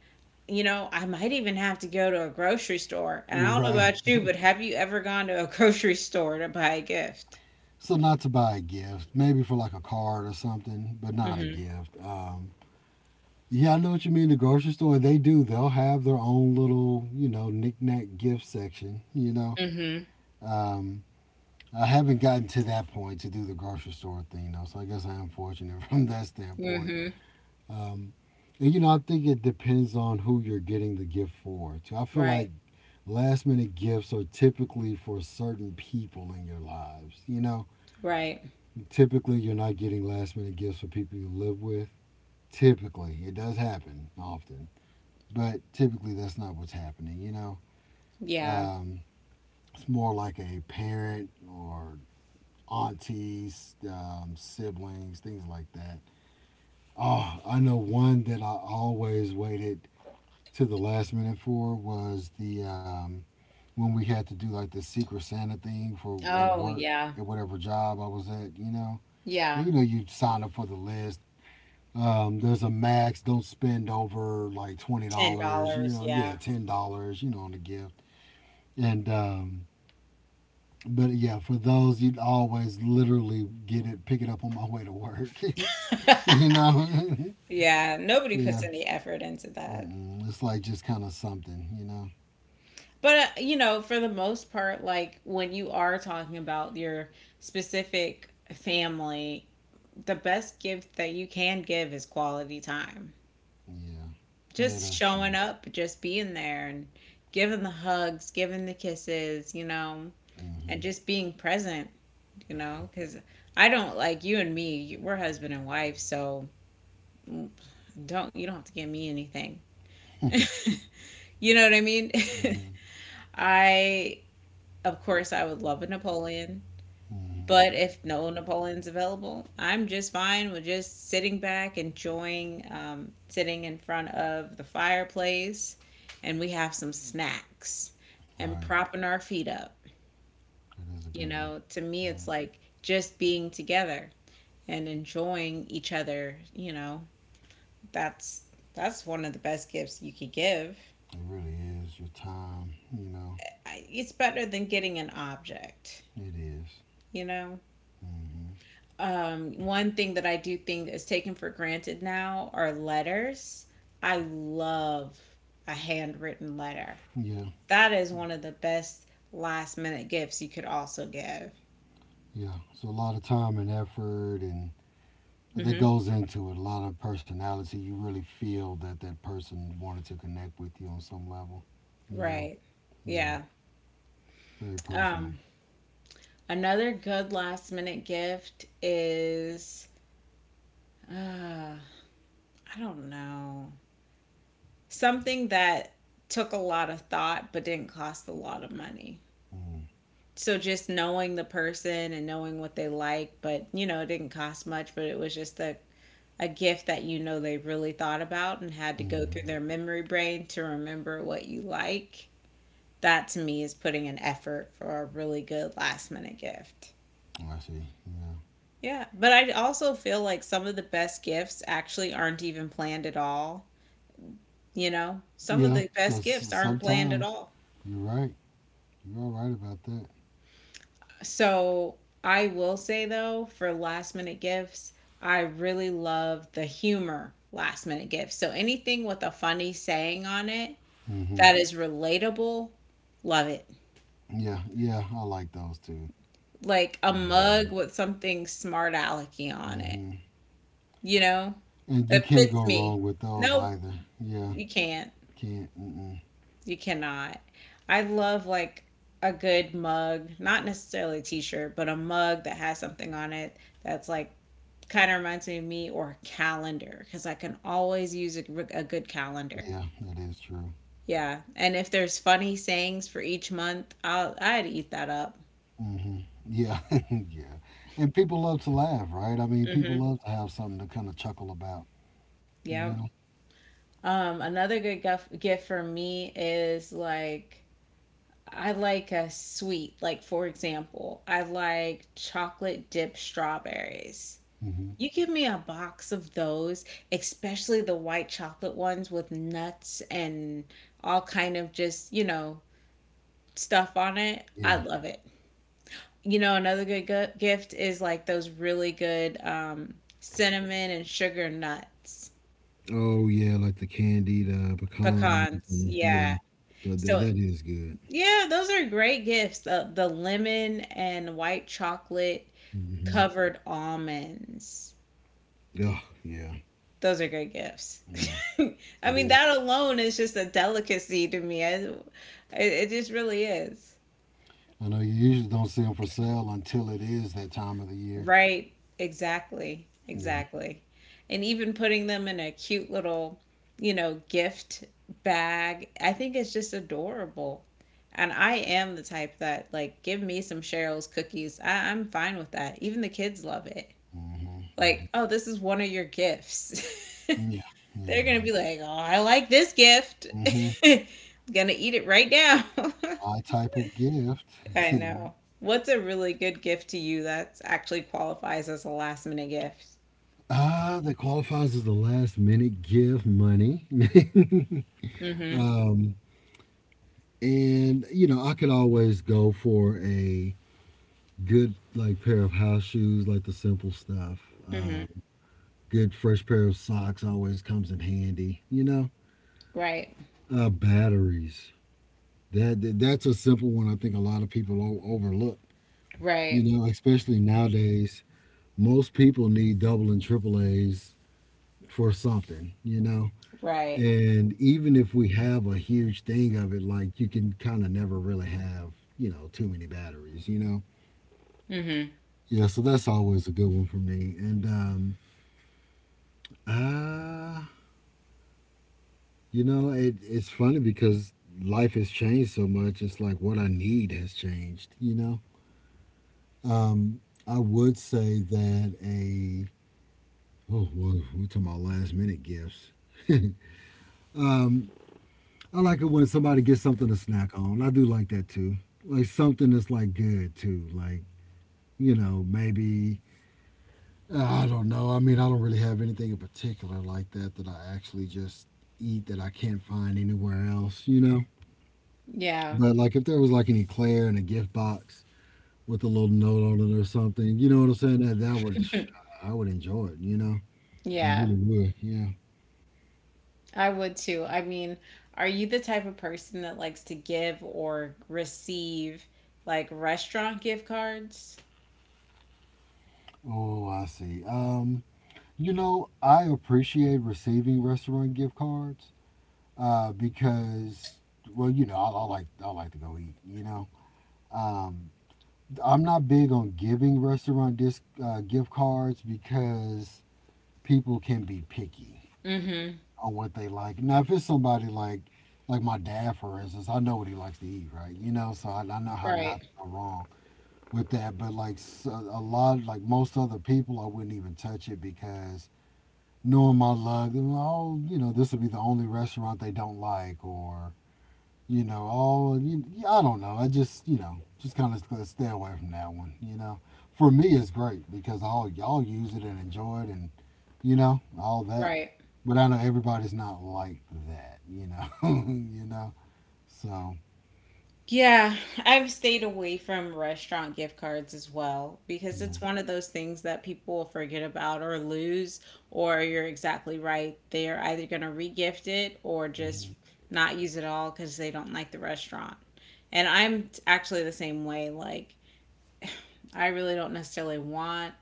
S1: I might even have to go to a grocery store. And I don't know
S2: Right.
S1: about you, but have you ever gone to a grocery store to buy a gift?
S2: So not to buy a gift, maybe for like a card or something, but not a
S1: Mm-hmm.
S2: gift. Yeah, I know what you mean. The grocery store, they do. They'll have their own little, you know, knickknack gift section. You know,
S1: Mm-hmm.
S2: um, I haven't gotten to that point to do the grocery store thing though, so I guess I am fortunate from that standpoint.
S1: Mm-hmm.
S2: Um, and you know, I think it depends on who you're getting the gift for. Too. I feel
S1: Right.
S2: like last minute gifts are typically for certain people in your lives. You know,
S1: Right.
S2: typically you're not getting last minute gifts for people you live with. Typically, it does happen often. But typically, that's not what's happening, you know?
S1: Yeah.
S2: Um, it's more like a parent or aunties, siblings, things like that. Oh, I know one that I always waited to the last minute for was the when we had to do like the Secret Santa thing for at
S1: Oh,
S2: work
S1: yeah.
S2: at whatever job I was at, you know. And
S1: Yeah.
S2: you know, you sign up for the list. There's a max. Don't spend over like twenty
S1: Ten
S2: dollars. You
S1: dollars,
S2: know,
S1: yeah.
S2: yeah, $10. You know, on the gift. And But yeah, for those you'd always literally get it, pick it up on my way to work. you know,
S1: Yeah, nobody
S2: yeah.
S1: puts any effort into that.
S2: Mm-mm. It's like just kind of something, you know.
S1: But you know, for the most part, like when you are talking about your specific family, the best gift that you can give is quality time.
S2: Yeah, yeah,
S1: Just
S2: that's
S1: showing
S2: true.
S1: up, just being there and giving the hugs, giving the kisses, you know, and
S2: Mm-hmm.
S1: just being present, you know, because I don't like you and me, we're husband and wife, so mm, don't, you don't have to give me anything. You know what I mean?
S2: Mm-hmm.
S1: I, of course, I would love a Napoleon,
S2: Mm-hmm.
S1: but if no Napoleon's available, I'm just fine with just sitting back, enjoying sitting in front of the fireplace, and we have some snacks and
S2: Right.
S1: propping our feet up.
S2: That is a
S1: You
S2: good one.
S1: know, to
S2: Yeah,
S1: me, it's like just being together and enjoying each other. You know, that's that's one of the best gifts you could give.
S2: it really is. Your time, you know,
S1: It's better than getting an object.
S2: it is.
S1: You know.
S2: Mm-hmm.
S1: One thing that I do think is taken for granted now are letters. I love a handwritten letter.
S2: Yeah,
S1: That is one of the best last minute gifts you could also give.
S2: yeah. It's a lot of time and effort, and that
S1: hmm
S2: goes into it. A lot of personality. You really feel that that person wanted to connect with you on some level. You know?
S1: Right.
S2: Yeah.
S1: Yeah.
S2: Very personal.
S1: Um, another good last minute gift is, uh, I don't know, something that took a lot of thought but didn't cost a lot of money.
S2: Mm.
S1: So just knowing the person and knowing what they like, but you know, it didn't cost much, but it was just a gift that you know they really thought about and had to go through
S2: Hmm.
S1: their memory brain to remember what you like. That to me is putting an effort for a really good last minute gift.
S2: I see. Yeah.
S1: Yeah, but I also feel like some of the best gifts actually aren't even planned at all. You know, some of
S2: Yeah.
S1: the
S2: So
S1: best
S2: s-
S1: gifts aren't planned at
S2: sometimes
S1: all.
S2: you're right. You're all right about that.
S1: So I will say though, for last minute gifts, I really love the humor last minute gifts. So anything with a funny saying on it
S2: Hmm.
S1: that is relatable, love it.
S2: Yeah. Yeah. I like those too.
S1: Like a mug
S2: Everything.
S1: with something smart alecky on it,
S2: Mm-hmm.
S1: you know,
S2: And you
S1: that
S2: can't
S1: fits
S2: go
S1: me.
S2: wrong with those
S1: Nope,
S2: either. Yeah.
S1: you can't.
S2: Can't. Mm-mm.
S1: You cannot. I love like a good mug, not necessarily a t-shirt, but a mug that has something on it that's like kind of reminds me of me or a calendar because I can always use a good calendar.
S2: Yeah, that is true.
S1: Yeah, and if there's funny sayings for each month, I'd eat that up.
S2: Hmm. Yeah, yeah. And people love to laugh, right? I mean, people
S1: Mm-hmm.
S2: love to have something to kind of chuckle about, you
S1: Yep.
S2: know?
S1: Another good guf gift for me is like I like a sweet. Like for example, I like chocolate dipped strawberries.
S2: Hmm.
S1: You give me a box of those, especially the white chocolate ones with nuts and all kind of just, you know, stuff on it. I
S2: Yeah.
S1: love it. You know, another good gift is like those really good cinnamon and sugar nuts,
S2: Oh, yeah, like the candied pecans.
S1: pecans.
S2: And yeah,
S1: Yeah. So,
S2: that is good.
S1: yeah, those are great gifts. The lemon and white chocolate
S2: Hmm.
S1: covered almonds.
S2: Oh, yeah,
S1: Those are good gifts.
S2: yeah,
S1: I
S2: it
S1: mean,
S2: is.
S1: that alone is just a delicacy to me. It just really is.
S2: I know you usually don't see them for sale until it is that time of the year.
S1: Right. Exactly.
S2: Yeah.
S1: Exactly. And even putting them in a cute little, you know, gift bag, I think it's just adorable. And I am the type that, like, give me some Cheryl's cookies. I'm fine with that. Even the kids love it.
S2: Hmm. They do.
S1: Like, oh, this is one of your gifts.
S2: Yeah, yeah.
S1: They're gonna be like, "Oh, I like this gift."
S2: Hmm.
S1: Gonna eat it right now.
S2: My type of gift.
S1: I know. What's a really good gift to you that actually qualifies as a last minute gift?
S2: That qualifies as the last minute gift money.
S1: Mm-hmm.
S2: um, and, you know, I could always go for a good, like, pair of house shoes, like the simple stuff.
S1: Mm-hmm.
S2: Um, Good fresh pair of socks always comes in handy, you know?
S1: Right.
S2: Batteries. That's a simple one I think a lot of people overlook, you
S1: Right.
S2: know, especially nowadays. Most people need double and triple A's for something, you know?
S1: Right.
S2: And even if we have a huge thing of it, like you can kind of never really have, you know, too many batteries, you know?
S1: Mm-hmm.
S2: Yeah, so that's always a good one for me. And, uh, you know, it's funny because life has changed so much. It's like what I need has changed, you know? I would say that oh, well, we're talking about last minute gifts. Um. I like it when somebody gets something to snack on. I do like that too. Like something that's like good too. Like, you know, maybe I don't know. I mean, I don't really have anything in particular like that that I actually just eat that I can't find anywhere else, you know?
S1: Yeah.
S2: But like if there was like an eclair in a gift box with a little note on it or something, you know what I'm saying? That would I would enjoy it, you know? I
S1: Yeah.
S2: really would. Yeah.
S1: I would too. I mean, are you the type of person that likes to give or receive like restaurant gift cards?
S2: Oh, I see. You know, I appreciate receiving restaurant gift cards because well, you know, I like to go eat. You know, um, I'm not big on giving restaurant disc gift cards because people can be picky
S1: Mm-hmm.
S2: on what they like. Now, if it's somebody like my dad, for instance, I know what he likes to eat, right? You know, so I know how not to
S1: Right.
S2: go wrong with that. But like s a lot, like most other people, I wouldn't even touch it because knowing my luck, they're like, oh, you know, this will be the only restaurant they don't like, or you know, all you, yeah, I don't know. I just you know just kind of stay away from that one. You know, for me it's great because all y'all use it and enjoy it and you know all that.
S1: Right.
S2: But I know everybody's not like that. You know, you know. So
S1: Yeah, I've stayed away from restaurant gift cards as well because
S2: yeah,
S1: it's one of those things that people will forget about or lose, or you're exactly right. They're either going to regift it or
S2: hmm
S1: just not use it all because they don't like the restaurant. And I'm actually the same way. Like, I really don't necessarily want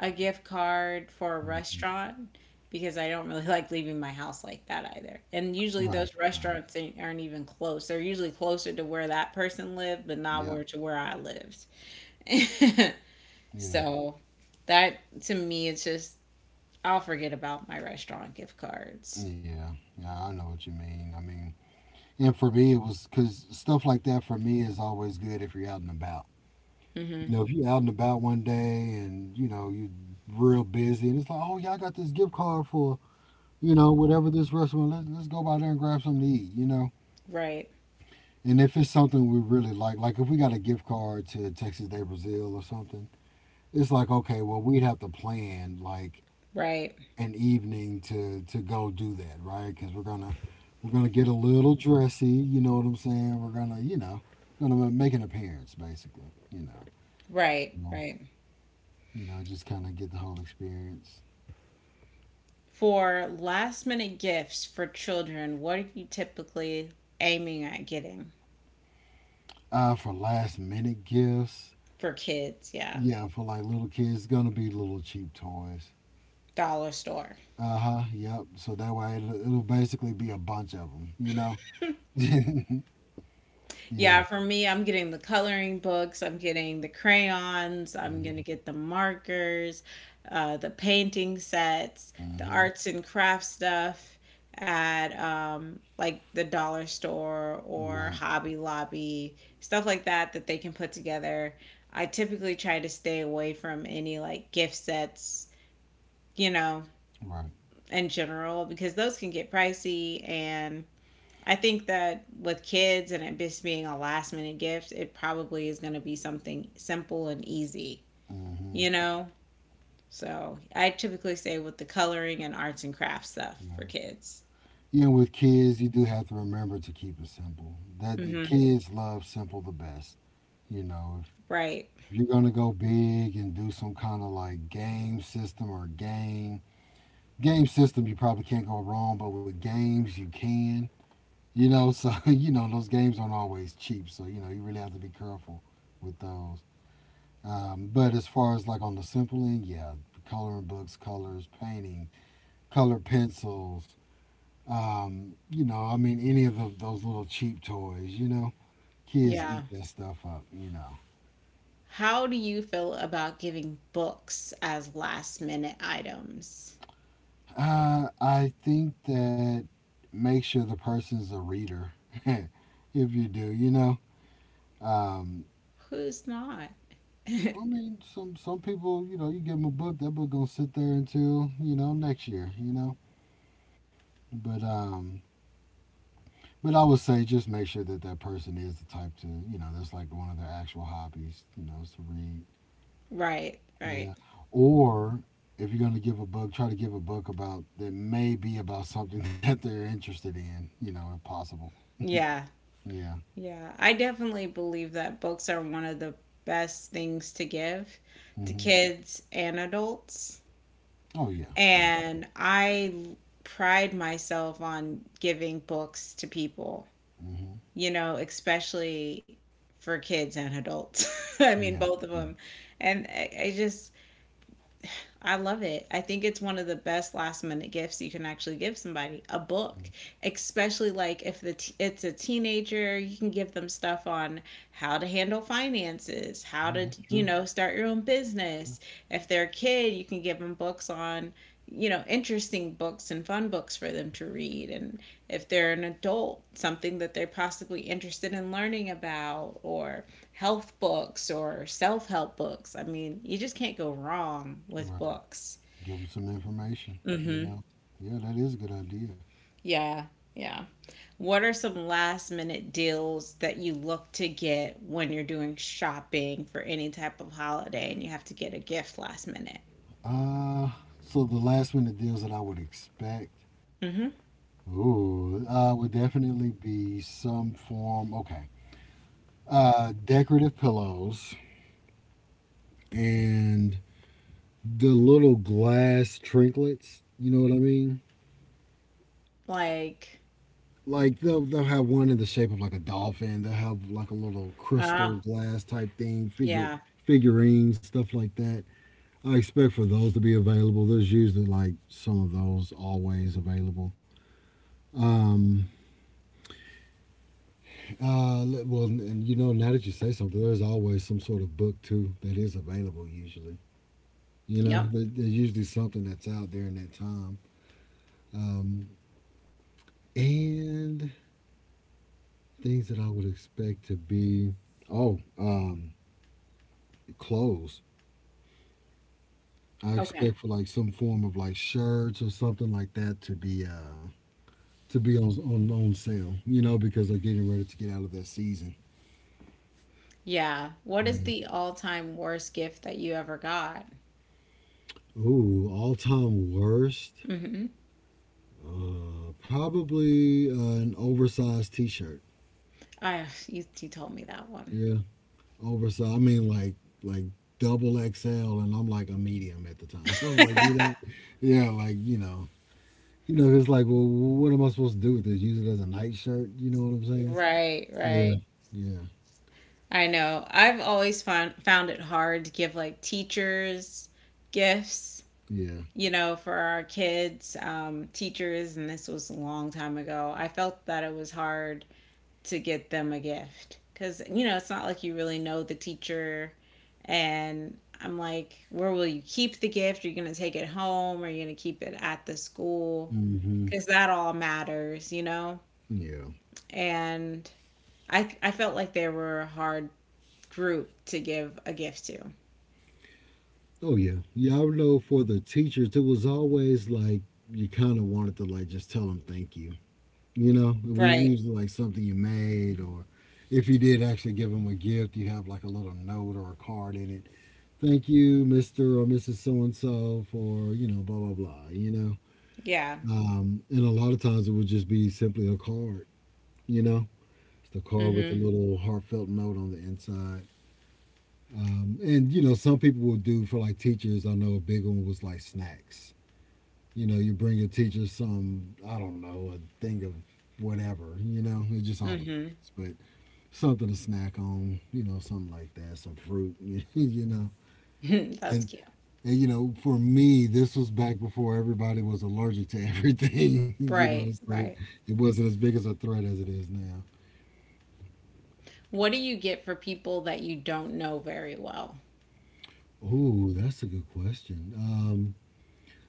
S1: a gift card for a
S2: hmm
S1: restaurant because I don't really like leaving my house like that either. And usually
S2: right,
S1: those
S2: right.
S1: restaurants aren't even close. They're usually closer to where that person lived, but not
S2: Yep,
S1: where to where I lived.
S2: yeah,
S1: So that to me, it's just I'll forget about my restaurant gift cards.
S2: yeah, yeah, I know what you mean. I mean, and for me it was because stuff like that for me is always good if you're out and about. You
S1: hmm
S2: know, if you're out and about one day and you know you're real busy, and it's like, oh yeah, I got this gift card for you know whatever this restaurant. Let's go by there and grab something to eat. You know,
S1: Right,
S2: and if it's something we really like if we got a gift card to Texas Day Brazil or something, it's like okay, well we'd have to plan like
S1: right,
S2: an evening to go do that, right? Because we're gonna get a little dressy. You know what I'm saying? We're gonna you know gonna make an appearance basically. You know.
S1: right,
S2: So,
S1: right.
S2: you know, just kind of get the whole experience.
S1: For last minute gifts for children, what are you typically aiming at getting
S2: For last minute gifts,
S1: for kids? Yeah,
S2: yeah, for like little kids, it's gonna be little cheap toys.
S1: dollar store.
S2: Uh huh. Yep. So that way, it'll basically be a bunch of them. You know. yeah.
S1: Yeah, for me, I'm getting the coloring books, I'm getting the crayons, I'm going to
S2: Mhm.
S1: get the markers, the painting sets, the
S2: Mhm.
S1: arts and crafts stuff at like the dollar store or
S2: Right.
S1: Hobby Lobby, stuff like that that they can put together. I typically try to stay away from any like gift sets, you know,
S2: Right.
S1: in general, because those can get pricey and I think that with kids and it just being a last minute gift, it probably is going to be something simple and easy,
S2: Mhm.
S1: you know? So I typically say with the coloring and arts and crafts stuff
S2: Yeah.
S1: for kids.
S2: You know, with kids, you do have to remember to keep it simple. That the
S1: Mm-hmm.
S2: kids love simple the best. You know, if
S1: Right.
S2: you're gonna go big and do some kind of like game system or game system you probably can't go wrong, but with games you can. You know, so you know those games aren't always cheap, so you know you really have to be careful with those. But as far as like on the simple end, yeah, coloring books, colors, painting, colored pencils. You know, I mean, any of those little cheap toys. You know, kids
S1: Yeah.
S2: eat that stuff up. You know,
S1: How do you feel about giving books as last minute items?
S2: I think that make sure the person's a reader if you do. You know, um,
S1: Who's not?
S2: I mean, some people, you know, you give them a book, that book gonna sit there until you know next year, you know. But um, but I would say just make sure that that person is the type to, you know, that's like one of their actual hobbies, you know, is to read.
S1: Right, right.
S2: Yeah. Or if you're gonna give a book, try to give a book about that may be about something that they're interested in, you know, if possible.
S1: Yeah.
S2: Yeah.
S1: Yeah, I definitely believe that books are one of the best things to give to
S2: Hmm.
S1: kids and adults.
S2: Oh yeah. Hmm.
S1: And pride myself on giving books to people,
S2: Yeah.
S1: you know, especially for kids and adults. I
S2: Yeah.
S1: mean, both of them. And I just I love it. I think it's one of the best last minute gifts you can actually give somebody a
S2: Yeah,
S1: book, especially like if the it's a teenager, you can give them stuff on how to handle finances, how to,
S2: that's
S1: you
S2: true.
S1: know, start your own
S2: Yeah.
S1: business. If they're a kid, you can give them books on you know interesting books and fun books for them to read and if they're an adult something that they're possibly interested in learning about or health books or self help books. I mean, you just can't go wrong with
S2: Right.
S1: books.
S2: Give them some information, you
S1: Mm-hmm.
S2: know. Yeah, that is a good idea.
S1: Yeah. Yeah. What are some last minute deals that you look to get when you're doing shopping for any type of holiday and you have to get a gift last minute?
S2: Uh, so the last minute deals that I would expect,
S1: Mm-hmm.
S2: ooh, would definitely be some form. Okay, decorative pillows and the little glass trinklets. You know what I mean?
S1: Like,
S2: Like they'll have one in the shape of like a dolphin. They'll have like a little crystal
S1: ah,
S2: glass type thing, figure
S1: yeah.
S2: figurines, stuff like that. I expect for those to be available. There's usually like some of those always available. Um, well, and you know, now that you say something, there's always some sort of book too that is available. Usually, you know,
S1: Yep.
S2: there's usually something that's out during that time. Um, and things that I would expect to be oh, clothes. I
S1: Okay.
S2: expect for like some form of like shirts or something like that to be on on sale, you know, because they're getting ready to get out of that season.
S1: Yeah. What is
S2: You
S1: the all time worst gift that you ever got?
S2: ooh, all time worst,
S1: Mm-hmm.
S2: probably an oversized T-shirt.
S1: You told me that one.
S2: Yeah, oversized. I mean, like double XL, and I'm like a medium at the time. like you know, yeah, like you know, it's like, well, what am I supposed to do with this? Use it as a night shirt? You know what I'm saying?
S1: Right,
S2: Yeah,
S1: right.
S2: yeah,
S1: I know. I've always found it hard to give like teachers gifts,
S2: yeah.
S1: you know, for our kids, teachers, and this was a long time ago. I felt that it was hard to get them a gift because you know it's not like you really know the teacher, and I'm like, where will you keep the gift? Are you gonna take it home? Are you gonna keep it at the school?
S2: Mm-hmm.
S1: Because that all matters, you know.
S2: Yeah.
S1: And I felt like they were hard group to give a gift to.
S2: Oh yeah, yeah. I know for the teachers, it was always like you kind of wanted to like just tell them thank you. You know, it was
S1: Right.
S2: usually like something you made, or if you did actually give them a gift, you have like a little note or a card in it. Thank you, Mister or Mrs. So and So, for you know, blah blah blah. You
S1: Yeah.
S2: know, and a lot of times it would just be simply a card. You know, it's the card with a
S1: Mm-hmm.
S2: little heartfelt note on the inside. And you know, some people will do for like teachers. I know a big one was like snacks you know, you bring your teacher some, I don't know, a thing of whatever, you know, it just all
S1: Mm-hmm.
S2: depends. But something to snack on, you know, something like that, some fruit, you know.
S1: That's
S2: And,
S1: cute.
S2: and, you know, for me, this was back before everybody was allergic to everything, you know,
S1: Right,
S2: so
S1: right.
S2: it wasn't as big as a threat as it is now.
S1: What do you get for people that you don't know very well?
S2: Ooh, that's a good question.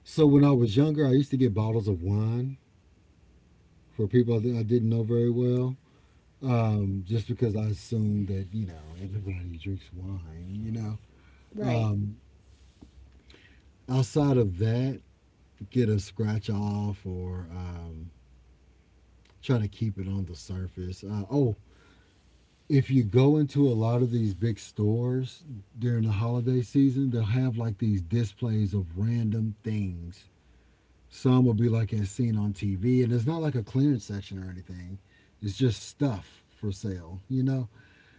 S2: So when I was younger, I used to get bottles of wine for people I I didn't know very well. Um, just because I assume that you know everybody drinks wine. You know,
S1: Right.
S2: um, outside of that, get a scratch off or try to keep it on the surface. Oh, if you go into a lot of these big stores during the holiday season, they'll have like these displays of random things. Some will be like as seen on TV, and it's not like a clearance section or anything. It's just stuff for sale, you know.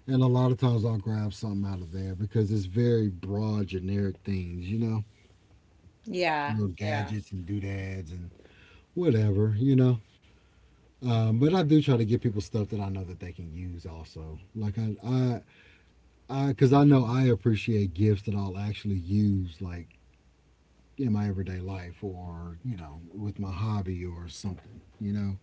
S2: And a lot of times I'll grab something out of there because it's very broad, generic things, you know,
S1: Yeah,
S2: little
S1: yeah.
S2: gadgets and doodads and whatever, you know. But I do try to get people stuff that I know that they can use also. Like because I know I appreciate gifts that I'll actually use, like in my everyday life or you know with my hobby or something, you know.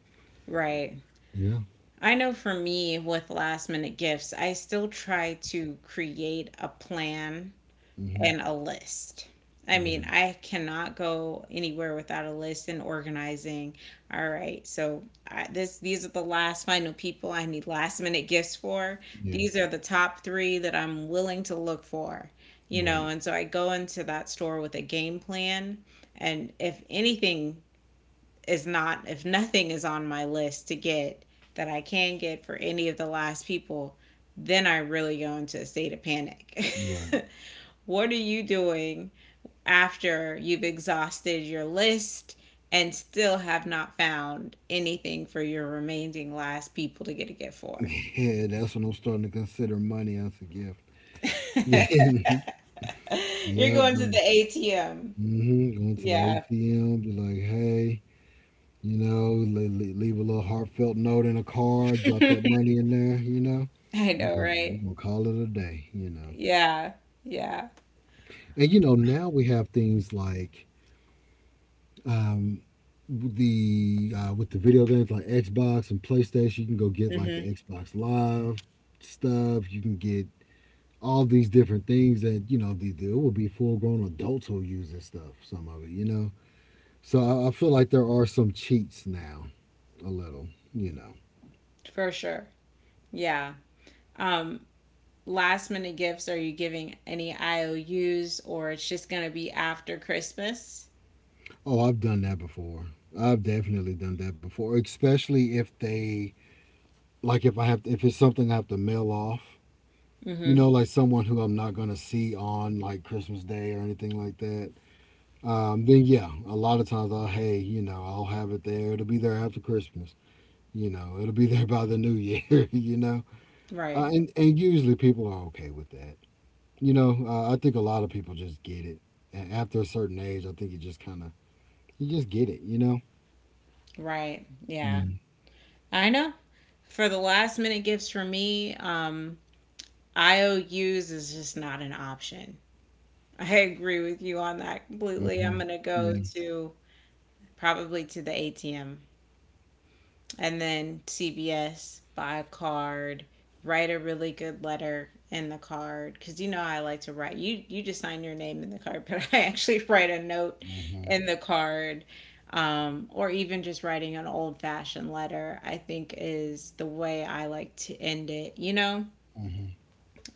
S1: Right.
S2: Yeah.
S1: I know for me with last minute gifts, I still try to create a plan
S2: Hmm.
S1: and a list. I mean,
S2: Right.
S1: I cannot go anywhere without a list and organizing. All right, so this these are the last final people I need last minute gifts for.
S2: Yeah.
S1: These are the top three that I'm willing to look for, you know.
S2: Right.
S1: And so I go into that store with a game plan, and if anything is not, if nothing is on my list to get that I can get for any of the last people, then I really go into a state of panic.
S2: Right.
S1: What are you doing after you've exhausted your list and still have not found anything for your remaining last people to get a gift for?
S2: Yeah, that's when I'm starting to consider money as a gift.
S1: You're
S2: Yep,
S1: going to the
S2: going
S1: ATM.
S2: mhm, going to the
S1: Yeah.
S2: ATM, be like, "Hey," you know, le le leave a little heartfelt note in a card, drop that money in there, you know?
S1: I
S2: We
S1: know,
S2: gon
S1: right?
S2: we to call it a day, you know?
S1: Yeah. Yeah.
S2: And, you know, now we have things like, um, the with the video games like Xbox and PlayStation, you can go get, like, the
S1: hmm
S2: Xbox Live stuff, you can get all these different things that, you know, there will be full-grown adults who use this stuff, some of it, you know? So I feel like there are some cheats now, a little, you know.
S1: For sure. Yeah. Um, Last minute gifts, are you giving any IOUs or it's just gonna be after Christmas?
S2: Oh, I've done that before. I've definitely done that before, especially if they like if I have to, if it's something I have to mail off. You
S1: hmm
S2: know, like someone who I'm not gonna see on like Christmas Day or anything like that. Then yeah, a lot of times you know, I'll have it there. It'll be there after Christmas. You know, it'll be there by the New Year. You know,
S1: Right.
S2: and usually people are okay with that. You know, I think a lot of people just get it. And after a certain age, I think you just kind of you just get it. You know.
S1: Right. Yeah.
S2: Yeah.
S1: I know. For the last minute gifts for me, IOUs is just not an option. I agree with you on that completely.
S2: Mm-hmm.
S1: I'm gonna go
S2: Yeah.
S1: to probably to the ATM and then CVS, buy a card, write a really good letter in the card because you know I like to write. You just sign your name in the card, but I actually write a note
S2: Mm-hmm.
S1: in the card, or even just writing an old fashioned letter. I think is the way I like to end it.
S2: Mm-hmm.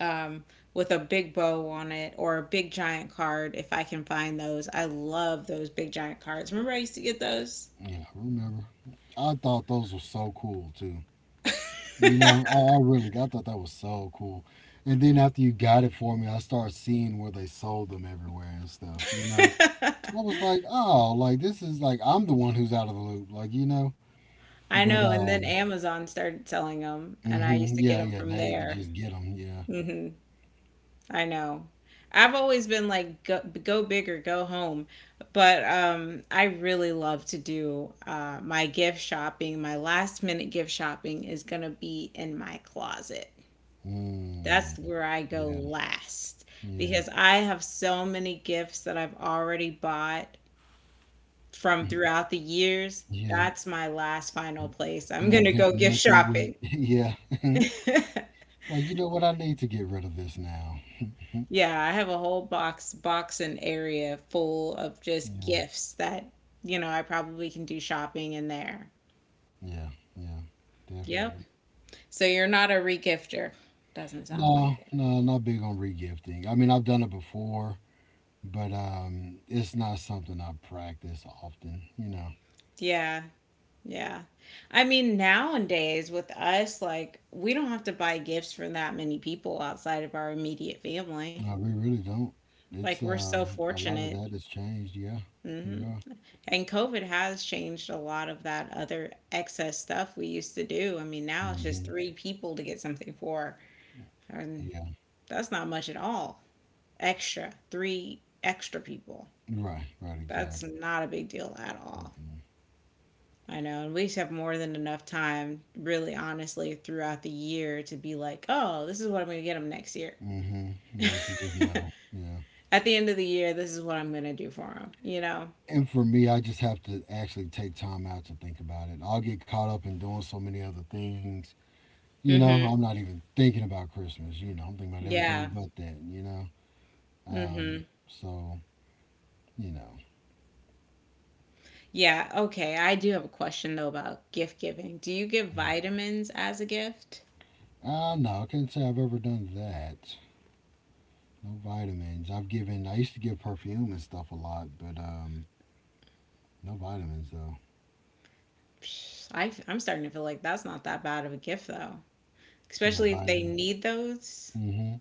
S1: um, with a big bow on it or a big giant card if I can find those. I love those big giant cards. Remember I used to get those.
S2: Yeah. I remember. I thought those were so cool too. You know, I really I thought that was so cool. And then after you got it for me, I started seeing where they sold them everywhere and stuff. You know, I was like, oh, like this is like I'm the one who's out of the loop. Like you know,
S1: I
S2: but
S1: know, and then Amazon started selling them, and I
S2: hmm,
S1: used to get
S2: yeah,
S1: them
S2: yeah.
S1: from
S2: Now you can
S1: there.
S2: just get them. Yeah.
S1: Hmm I know. I've always been like go, go big or go home, but I really love to do my gift shopping. My last minute gift shopping is gonna be in my closet.
S2: Mm,
S1: That's where I go
S2: yeah.
S1: last
S2: Yeah.
S1: because I have so many gifts that I've already bought from throughout the years.
S2: Yeah.
S1: That's my last final place. I'm
S2: And I've
S1: gonna
S2: done
S1: go gift
S2: nothing with,
S1: shopping.
S2: yeah. It's like, you know what, I need to get rid of this now.
S1: Yeah, I have a whole box and area full of just
S2: Yeah.
S1: gifts that, you know, I probably can do shopping in there.
S2: Yeah. Yeah. Definitely.
S1: Yep. So you're not a regifter. Doesn't sound
S2: No,
S1: like it.
S2: no, not big on regifting. I mean I've done it before, but it's not something I practice often, you know.
S1: Yeah. Yeah. I mean, nowadays with us, like we don't have to buy gifts for that many people outside of our immediate family.
S2: No, we really don't.
S1: Like
S2: It's
S1: we're so
S2: a lot of
S1: fortunate.
S2: that has changed, yeah. We
S1: Mm-hmm.
S2: are.
S1: And COVID has changed a lot of that other excess stuff we used to do. I mean, now it's
S2: Hmm.
S1: just three people to get something for, and
S2: Yeah.
S1: that's not much at all. Extra, three extra people.
S2: Right, right,
S1: That's
S2: exactly.
S1: not a big deal at all.
S2: Mm-hmm.
S1: I know, and we used to have more than enough time, really honestly, throughout the year to be like, oh, this is what I'm going to get them next year.
S2: Mm-hmm. Yeah, to just know. Yeah.
S1: At the end of the year, this is what I'm going to do for them, you know?
S2: And for me, I just have to actually take time out to think about it. I'll get caught up in doing so many other things. You know,
S1: Hmm
S2: I'm not even thinking about Christmas. You know, I'm thinking about everything
S1: Yeah.
S2: but that, you know? Um,
S1: Mm-hmm.
S2: so, you know.
S1: Yeah, okay. I do have a question though about gift giving. Do you give vitamins as a gift?
S2: No, I can't say I've ever done that. No vitamins. I've given, I used to give perfume and stuff a lot, but no vitamins, though.
S1: Psh, I'm starting to feel like that's not that bad of a gift though,
S2: Yeah,
S1: especially if they
S2: vitamins.
S1: need those.
S2: Hmm.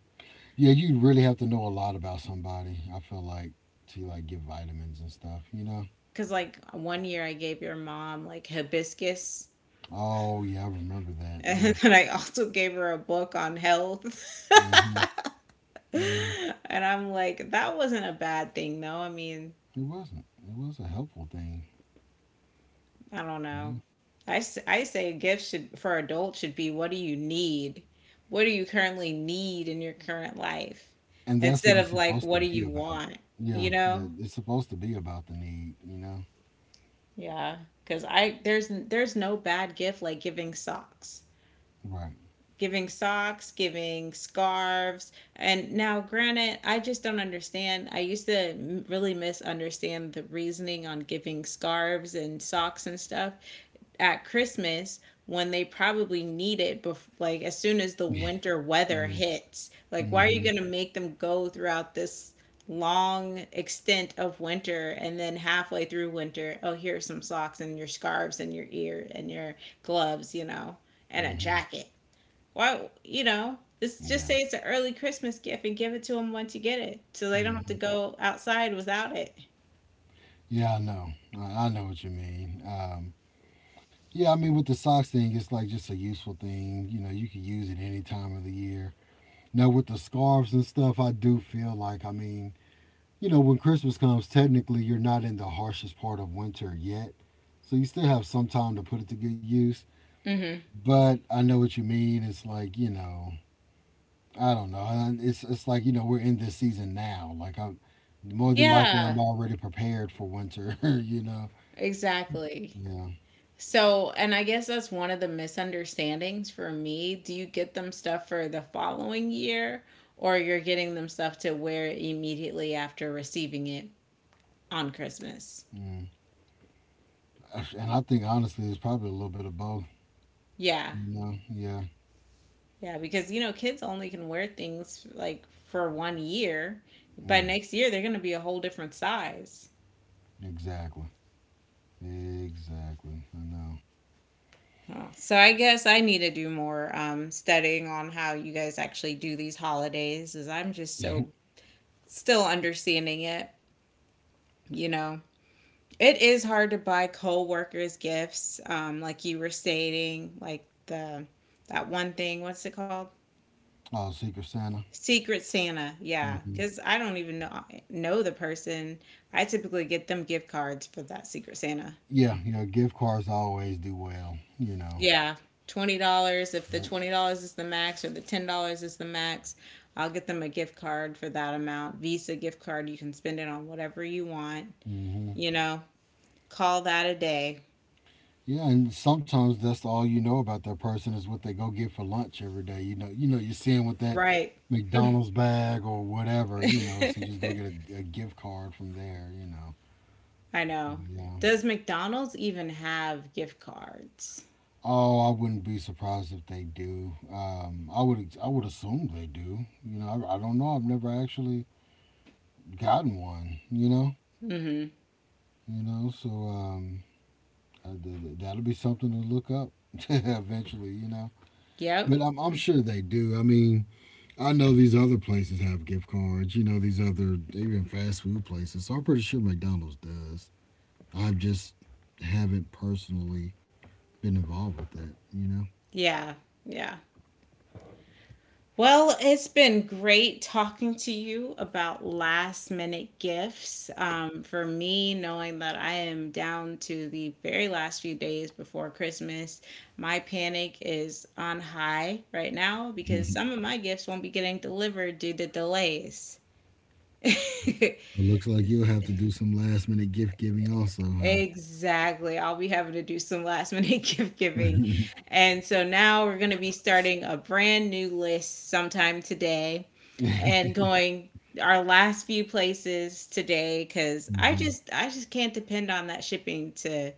S2: Yeah, you really have to know a lot about somebody, I feel like, to like give vitamins and stuff, you know?
S1: Because like one year I gave your mom like hibiscus,
S2: Oh yeah, I remember that. Yeah.
S1: and then I also gave her a book on health.
S2: Hmm. Yeah.
S1: And I'm like, that wasn't a bad thing though. I mean,
S2: It wasn't. It was a helpful thing.
S1: I don't know.
S2: Mhm.
S1: I say a gift should for adults should be what do you need? What do you currently need in your current life?
S2: And that's what
S1: Instead
S2: it's
S1: of like
S2: supposed to
S1: what do
S2: be
S1: you
S2: about.
S1: want?
S2: Yeah.
S1: You
S2: Yeah.
S1: know?
S2: It's supposed to be about the need. You know.
S1: Yeah, cuz I there's no bad gift like giving socks.
S2: Right.
S1: Giving socks, giving scarves. And now granted, I just don't understand. I used to really misunderstand the reasoning on giving scarves and socks and stuff at Christmas when they probably need it like as soon as the
S2: Yeah.
S1: winter weather
S2: Yeah.
S1: hits. Like why are you
S2: Hmm.
S1: going to make them go throughout this long extent of winter and then halfway through winter, oh here's some socks and your scarves and your ear and your gloves, you know, and a
S2: Hmm.
S1: jacket. Why, you know, this just
S2: Yeah.
S1: say it's an early Christmas gift and give it to them once you get it so they don't have to
S2: Hmm.
S1: go outside without it.
S2: Yeah. I know. I know what you mean. Yeah. I mean, with the socks thing, it's like just a useful thing. You know, you can use it any time of the year. Now with the scarves and stuff, I do feel like I mean you know, when Christmas comes, technically you're not in the harshest part of winter yet. So you still have some time to put it to good use.
S1: Mhm.
S2: But I know what you mean. It's like, you know, I don't know. It's like, you know, we're in this season now. Like I'm more than likely I'm
S1: Yeah,
S2: already prepared for winter, you know.
S1: exactly.
S2: Yeah.
S1: So, and I guess that's one of the misunderstandings for me. Do you get them stuff for the following year or you're getting them stuff to wear immediately after receiving it on Christmas?
S2: Mm. And I think honestly it's probably a little bit of both.
S1: Yeah.
S2: You know? Yeah.
S1: Yeah, because you know, kids only can wear things like for one year. By
S2: Yeah.
S1: next year, they're going to be a whole different size.
S2: Exactly. Exactly. I know.
S1: Oh, so I guess I need to do more studying on how you guys actually do these holidays, as I'm just so still understanding it, you know. It is hard to buy co-workers gifts, like you were stating, like the that one thing. What's it called?
S2: Oh, Secret Santa.
S1: Secret Santa. Yeah,
S2: Mhm.
S1: because I don't even know the person. I typically get them gift cards for that Secret Santa.
S2: Yeah, yeah, gift cards always do well, you know.
S1: Yeah, $20. If the
S2: Yep.
S1: $20 is the max, or the $10 is the max, I'll get them a gift card for that amount. Visa gift card. You can spend it on whatever you want.
S2: Hmm.
S1: You know, call that a day.
S2: Yeah, and sometimes that's all you know about that person is what they go get for lunch every day. You know, you're seeing with that
S1: Right.
S2: McDonald's bag or whatever, you know. So you just go get a gift card from there, you know.
S1: I know.
S2: Yeah.
S1: Does McDonald's even have gift cards?
S2: Oh, I wouldn't be surprised if they do. I would. I would assume they do. You know, I don't know. I've never actually gotten one. You know.
S1: Mm-hmm.
S2: You know. So that'll be something to look up eventually, you know.
S1: Yep.
S2: But I'm sure they do. I mean, I know these other places have gift cards, you know, these other, even fast food places. So I'm pretty sure McDonald's does. I just haven't personally been involved with that, you know.
S1: Yeah. Yeah. Well, it's been great talking to you about last minute gifts. For me, knowing that I am down to the very last few days before Christmas, my panic is on high right now because some of my gifts won't be getting delivered due to delays.
S2: It looks like you'll have to do some last minute gift giving also, huh?
S1: Exactly. I'll be having to do some last minute gift giving. And so now we're going to be starting a brand new list sometime today and going our last few places today cuz
S2: Hmm.
S1: I just can't depend on that shipping to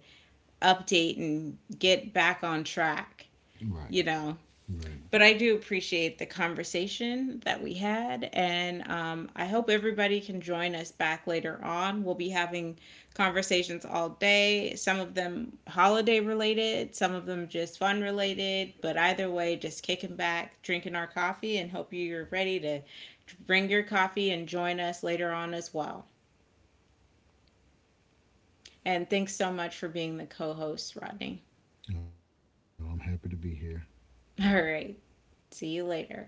S1: update and get back on track,
S2: Right,
S1: you know,
S2: right.
S1: but I do appreciate the conversation that we had, and I hope everybody can join us back later on. We'll be having conversations all day, some of them holiday related, some of them just fun related, but either way, just kicking back, drinking our coffee, and hope you're ready to bring your coffee and join us later on as well. And thanks so much for being the co host, Rodney.
S2: No, I'm happy to be here.
S1: All right, see you later.